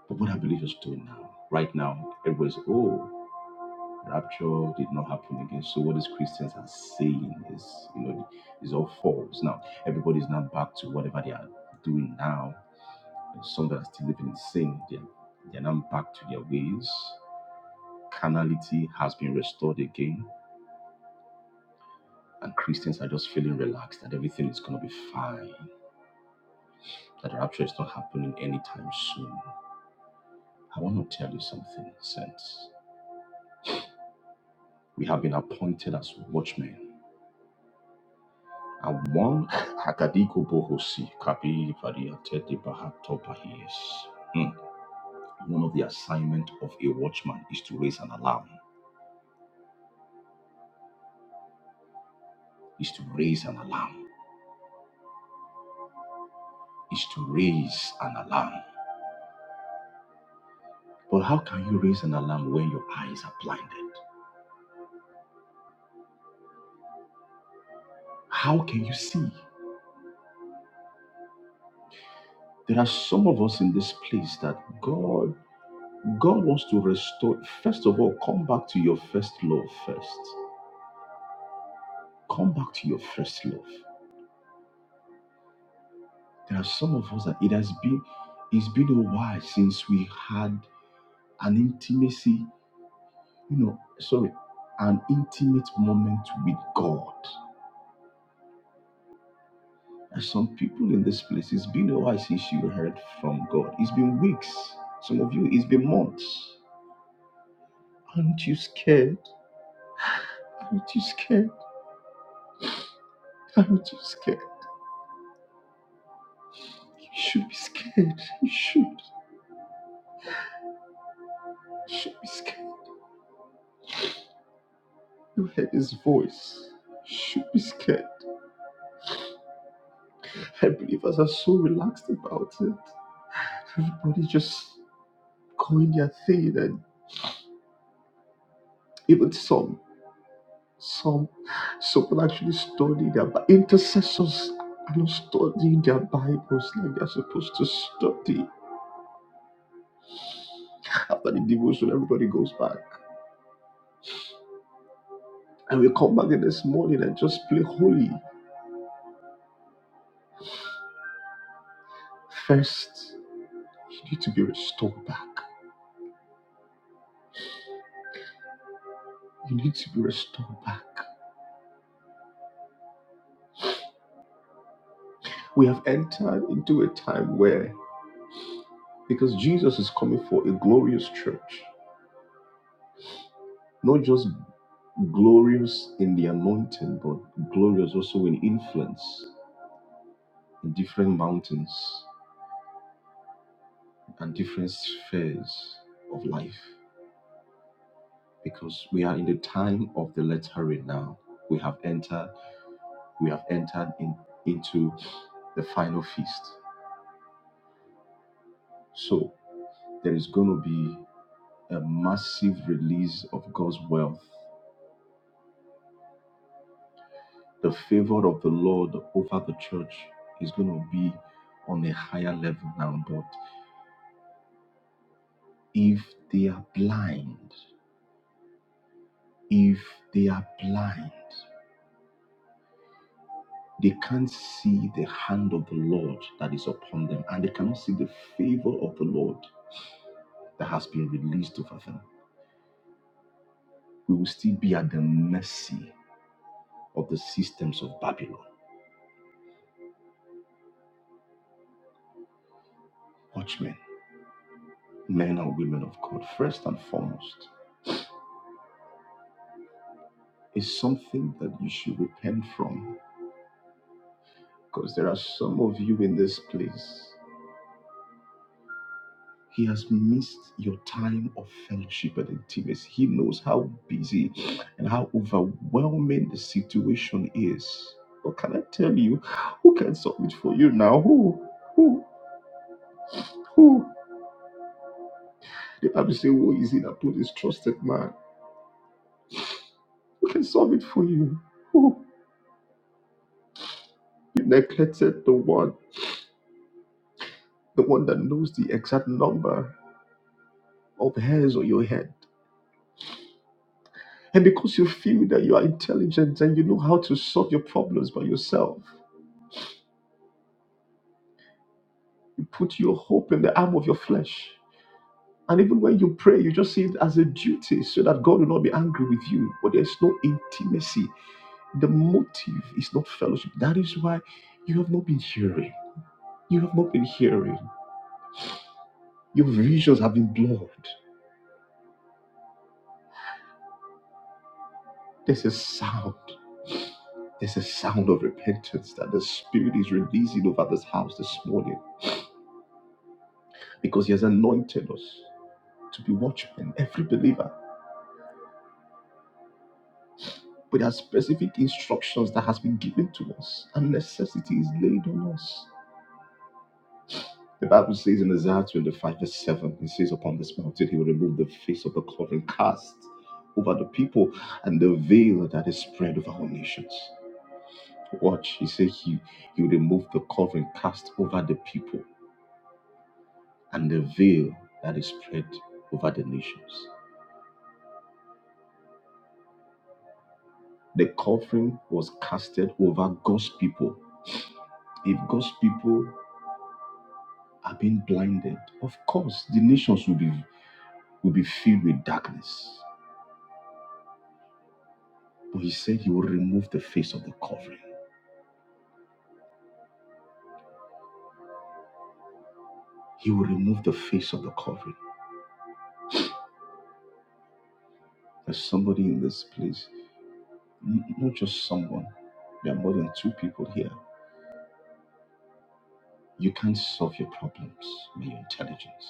E: But what I believe is true now, right now, everybody's, oh, rapture did not happen again. So what these Christians are saying is, you know, is all false. Now, everybody's now back to whatever they are doing now. And some that are still living in sin, they're, they're now back to their ways. Carnality has been restored again and Christians are just feeling relaxed that everything is going to be fine, that the rapture is not happening anytime soon. I want to tell you something, saints. we have been appointed as watchmen. And one *laughs* Hakadiko Bohosi Kabi Variate de Bahato Bahies. Hmm. One of the assignment of a watchman is to raise an alarm. Is to raise an alarm. Is to raise an alarm. But how can you raise an alarm when your eyes are blinded? How can you see? There are some of us in this place that God God wants to restore. First of all, come back to your first love first. Come back to your first love. There are some of us that it has been it's been a while since we had an intimacy, you know, sorry, an intimate moment with God. And some people in this place, it's been a while since you heard from God. It's been weeks. Some of you, it's been months. Aren't you scared? Aren't you scared? Aren't you scared? You should be scared. You should. You should be scared. You heard his voice. You should be scared. And believers are so relaxed about it. Everybody just going their thing and even some some some will actually study their Bi- intercessors are not studying their Bibles like they're supposed to study. After the devotion, everybody goes back. And we come back in this morning and just play holy. First, you need to be restored back. You need to be restored back. We have entered into a time where, because Jesus is coming for a glorious church, not just glorious in the anointing, but glorious also in influence in different mountains and different spheres of life. Because we are in the time of the latter rain now. We have entered, we have entered in, into the final feast. So there is going to be a massive release of God's wealth. The favor of the Lord over the church is going to be on a higher level now. But if they are blind, if they are blind, they can't see the hand of the Lord that is upon them, and they cannot see the favor of the Lord that has been released over them. We will still be at the mercy of the systems of Babylon. Watchmen, men and women of God, first and foremost. is something that you should repent from because there are some of you in this place. He has missed your time of fellowship and intimacy. He knows how busy and how overwhelming the situation is. But can I tell you, who can submit for you now? Who? Who? Who? The Bible says, Who is he that put his trust in man? Who can solve it for you? Who? You neglected the one, the one that knows the exact number of hairs on your head And because you feel that you are intelligent and you know how to solve your problems by yourself, you put your hope in the arm of your flesh. And even when you pray, you just see it as a duty so that God will not be angry with you. But there's no intimacy. The motive is not fellowship. That is why you have not been hearing. You have not been hearing. Your visions have been blurred. There's a sound. There's a sound of repentance that the Spirit is releasing over this house this morning because He has anointed us. to be watchmen, every believer, but there are specific instructions that has been given to us, and necessity is laid on us. The Bible says in Isaiah 25, verse 7, it says, Upon this mountain he will remove the face of the covering cast over the people and the veil that is spread over all nations. Watch, he said he, he will remove the covering cast over the people and the veil that is spread over the nations. The covering was casted over God's people if God's people are being blinded, of course, the nations will be will be filled with darkness. But he said he will remove the face of the covering. He will remove the face of the covering. There's somebody in this place, n- not just someone. There are more than two people here. You can't solve your problems by your intelligence.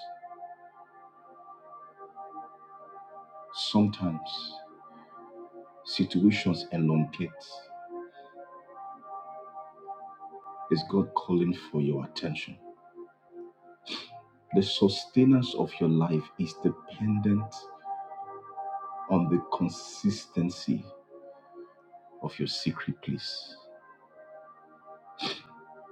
E: Sometimes situations elongate. Is God calling for your attention? The sustenance of your life is dependent on the consistency of your secret place.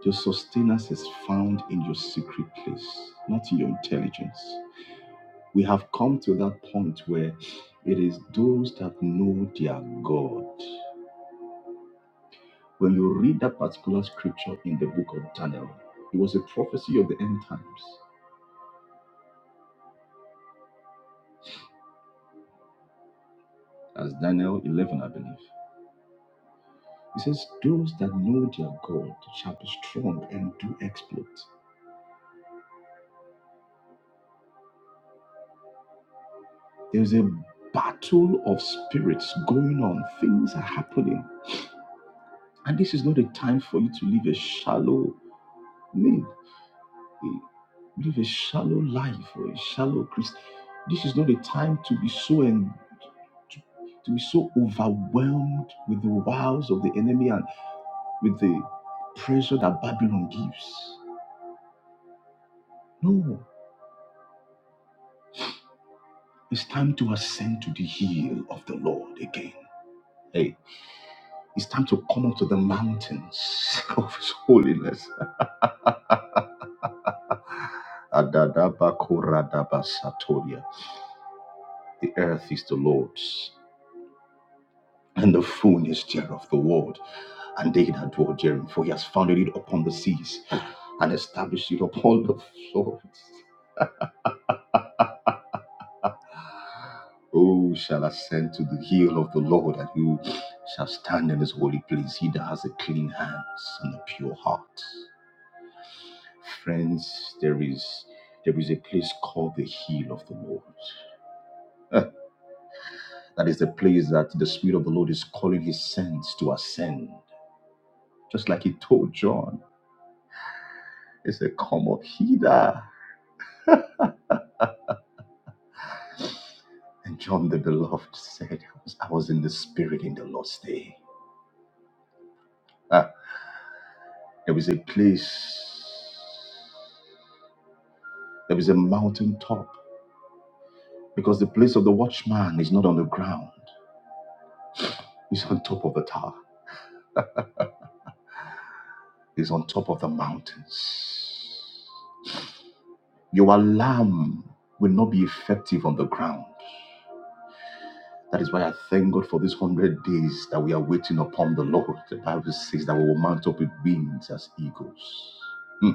E: Your sustenance is found in your secret place, not in your intelligence. We have come to that point where it is those that know their God. When you read that particular scripture in the book of Daniel, it was a prophecy of the end times, as Daniel 11, I believe. It says, Those that know their God shall be strong and do exploits. There is a battle of spirits going on, things are happening And this is not a time for you to live a shallow, I mean, a- live a shallow life or a shallow Christ. This is not a time to be so en- to, to be so overwhelmed with the wiles of the enemy and with the pressure that Babylon gives. No, it's time to ascend to the hill of the Lord again. Hey, it's time to come up to the mountains *laughs* of His holiness. Adadabakoradabasatoria. The earth is the Lord's and the fullness thereof the world, and they that dwell therein. For he has founded it upon the seas and established it upon the floods. Who shall ascend to the hill of the Lord, and who shall stand in his holy place? He that has a clean hands and a pure heart. Friends, there is there is a place called the hill of the Lord. That is the place that the Spirit of the Lord is calling his saints to ascend. Just like he told John, he said, Come up hither And John the Beloved said, I was I was in the Spirit in the Lord's day. Ah, there was a place, there was a mountain top, because the place of the watchman is not on the ground, it's on top of the tower, it's on top of the mountains. Your alarm will not be effective on the ground. That is why I thank God for these hundred days that we are waiting upon the Lord. The Bible says that we will mount up with wings as eagles. Hmm.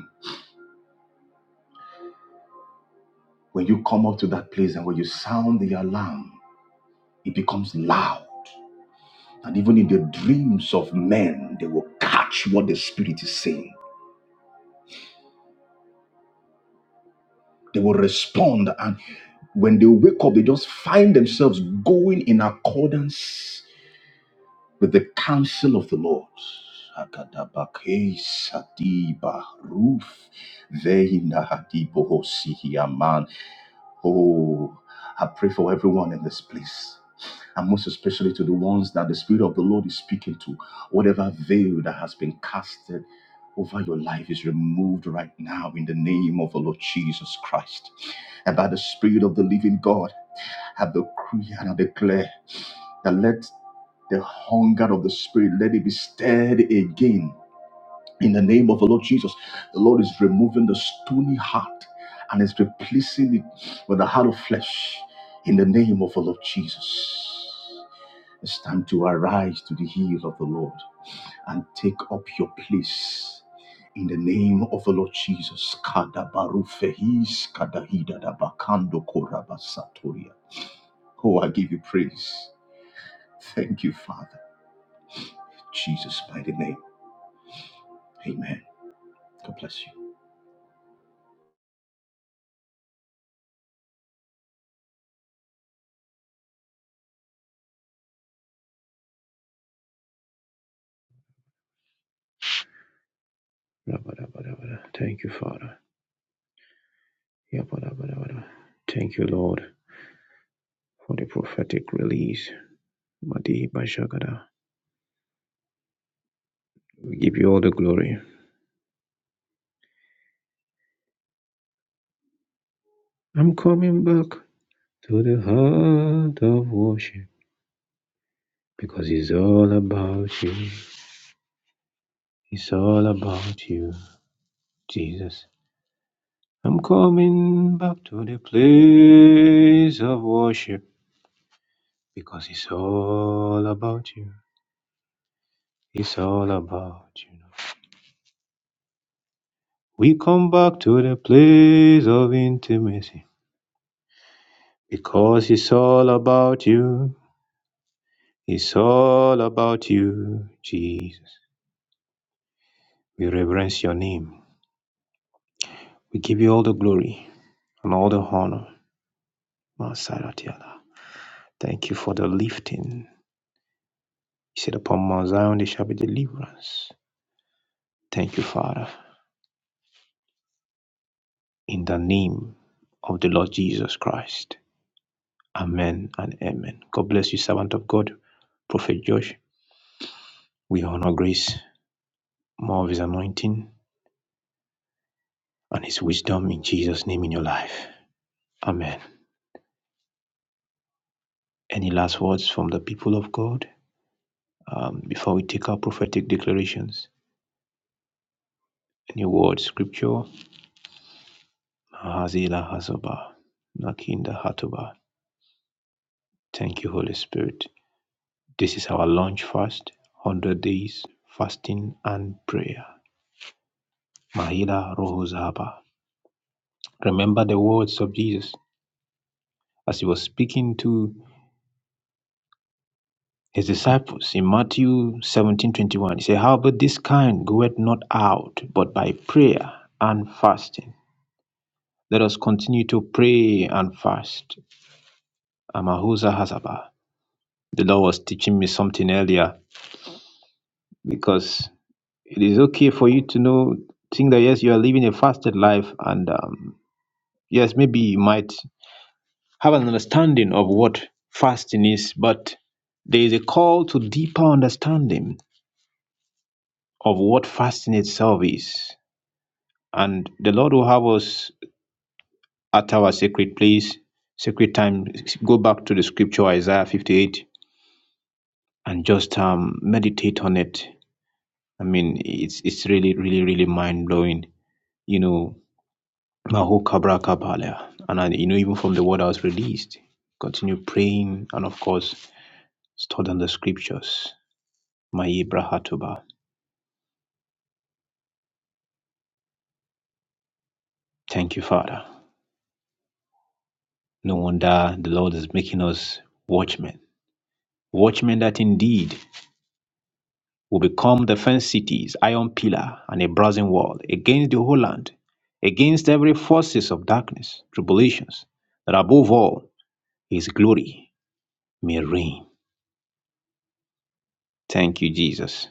E: When you come up to that place and when you sound the alarm, it becomes loud. And even in the dreams of men, they will catch what the Spirit is saying. They will respond. And when they wake up, they just find themselves going in accordance with the counsel of the Lord. Akadabake sadiba ruf veina hadibo Oh, I pray for everyone in this place. And most especially to the ones that the Spirit of the Lord is speaking to. Whatever veil that has been casted over your life is removed right now in the name of the Lord Jesus Christ. And by the Spirit of the living God, I decree and I declare that let the hunger of the Spirit, let it be stirred again in the name of the Lord Jesus, the Lord is removing the stony heart and is replacing it with a heart of flesh. In the name of the Lord Jesus, it's time to arise to the heel of the Lord and take up your place. In the name of the Lord Jesus, Kadabarufehis kadahidadabakando korabasatoria. Oh, I give you praise. Thank you, Father. Jesus' mighty name. Amen. God bless you.
F: I'm of worship because it's all about you. It's all about you. We come back to the place of intimacy because it's all about you. It's all about you, Jesus. No, against every forces of darkness, tribulations. Thank you, Jesus.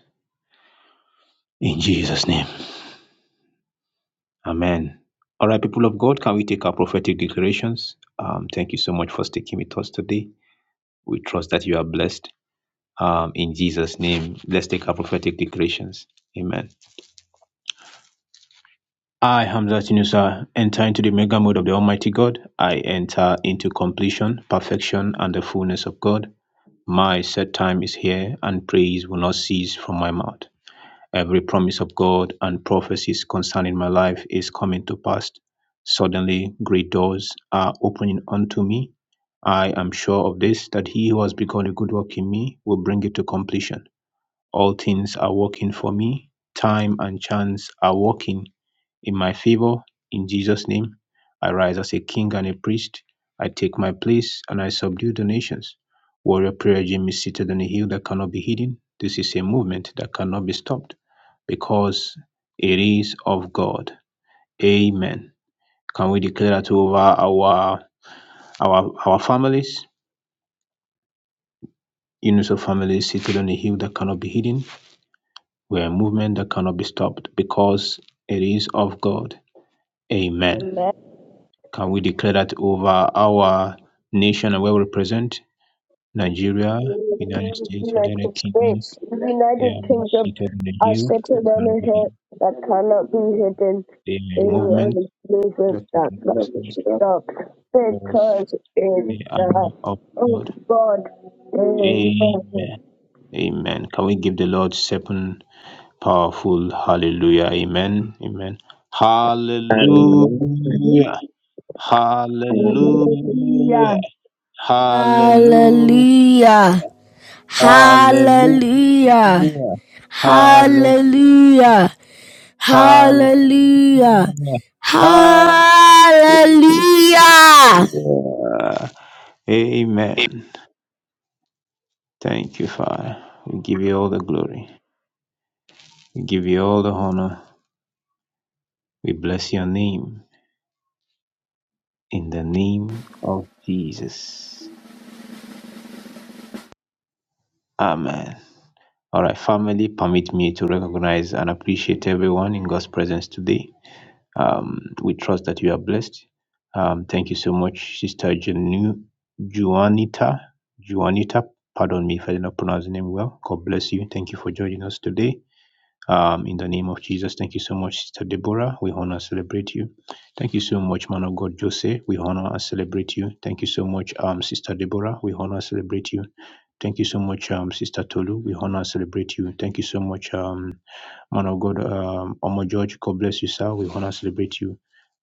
F: In Jesus' name, Amen. All right, people of God, can we take our prophetic declarations? Um, thank you so much for sticking with us today. We trust that you are blessed um, in Jesus' name. Let's take our prophetic declarations. Amen. I, Hamza Tinusa, enter into the mega mode of the Almighty God. I enter into completion, perfection, and the fullness of God. My set time is here, and praise will not cease from my mouth. Every promise of God and prophecies concerning my life is coming to pass. Suddenly, great doors are opening unto me. I am sure of this, that he who has begun a good work in me will bring it to completion. All things are working for me. Time and chance are working in my favor. In Jesus' name, I rise as a king and a priest. I take my place and I subdue the nations. Warrior Prayer Gym is seated on a hill that cannot be hidden. This is a movement that cannot be stopped because it is of God. Amen. Can we declare that over our our our families? Units of families seated on a hill that cannot be hidden. We are a movement that cannot be stopped because it is of God. Amen. Can we declare that over our nation and where we represent? Nigeria,
C: in
F: United
C: the
F: States, United
C: United
F: Kingdom.
C: States. The
F: They are
C: United
F: all
C: Kingdom
F: seated on the
C: are
F: hill. They
C: settled on
F: cannot
C: a
F: be
C: hill
F: hid.
C: that cannot be hidden.
F: They are
C: They
F: a
C: are a
F: movement
C: movement
F: that cannot
C: that
F: be
C: cannot be
F: stopped
C: stopped
F: because
C: because it's
F: they are
C: the
F: of
C: of
F: God.
C: God. Amen.
F: Amen. Amen. Can we give the Lord seven powerful hallelujah? Amen. Amen. Hallelujah. Hallelujah.
C: Hallelujah! Hallelujah! Hallelujah! Hallelujah! Hallelujah!
F: Yeah. Amen. Thank you, Father. We give you all the glory. We give you all the honor. We bless your name in the name of Jesus. Amen. All right, family, permit me to recognize and appreciate everyone in God's presence today. Um, we trust that you are blessed. Um, thank you so much, Sister Janu, Juanita. Juanita, pardon me if I did not pronounce the name well. God bless you. Thank you for joining us today. Um, in the name of Jesus, thank you so much, Sister Deborah. We honor and celebrate you. Thank you so much, man of God, Jose. We honor and celebrate you. Thank you so much, um, Sister Deborah. We honor and celebrate you. Thank you so much, um, Sister Tolu. We honor and celebrate you. Thank you so much, um, man of God, um, Omo George. God bless you, sir. We honor and celebrate you.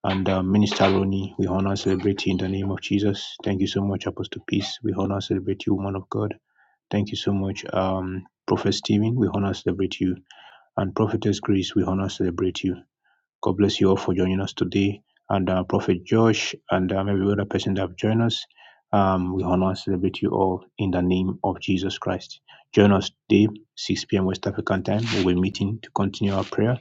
F: And um, Minister Roni, we honor and celebrate you in the name of Jesus. Thank you so much, Apostle Peace. We honor and celebrate you, woman of God. Thank you so much, um, Prophet Stephen. We honor and celebrate you and Prophetess Grace, we honor celebrate you. God bless you all for joining us today. And uh, Prophet Josh and um, every other person that have joined us, um, we honor and celebrate you all in the name of Jesus Christ. Join us today, 6 p.m. West African time. We'll be meeting to continue our prayer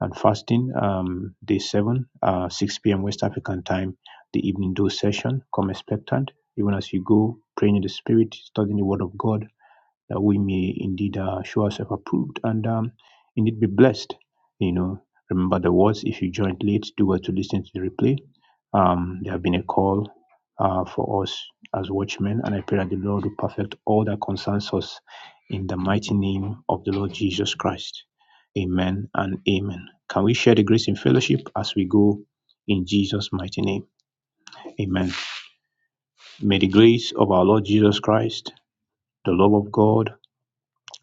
F: and fasting. Um, day 7, uh, 6 p.m. West African time, the evening dose session. Come expectant. Even as you go, praying in the Spirit, studying the Word of God that we may indeed uh, show ourselves approved and um, indeed be blessed. You know, remember the words if you joined late, do well to listen to the replay. Um, there have been a call uh, for us as watchmen, and I pray that the Lord will perfect all that concerns us in the mighty name of the Lord Jesus Christ. Amen and amen. Can we share the grace in fellowship as we go in Jesus' mighty name? Amen. May the grace of our Lord Jesus Christ, the love of God,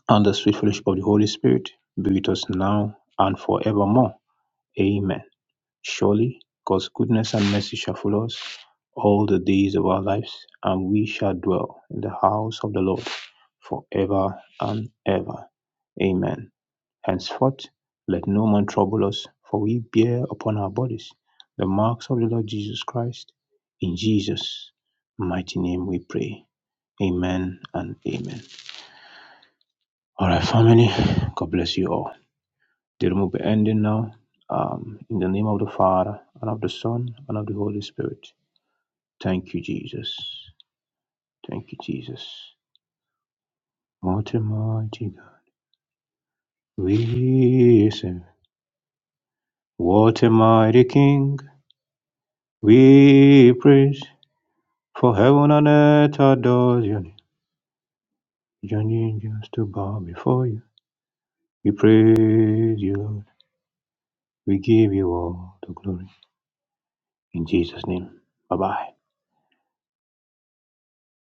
F: and the sweet fellowship of the Holy Spirit be with us now and forevermore. Amen. Surely God's goodness and mercy shall follow us all the days of our lives, and we shall dwell in the house of the Lord forever and ever. Amen. Henceforth, let no man trouble us, for we bear upon our bodies the marks of the Lord Jesus Christ. In Jesus' mighty name we pray. Amen and amen. All right, family, God bless you all. It will be ending now. Um, in the name of the Father, and of the Son, and of the Holy Spirit. Thank you, Jesus. Thank you, Jesus. What a mighty God we serve. What a mighty King we praise. For heaven and earth adores your name. Your name just to bow before you. We praise you, Lord. We give you all the glory. In Jesus' name. Bye bye.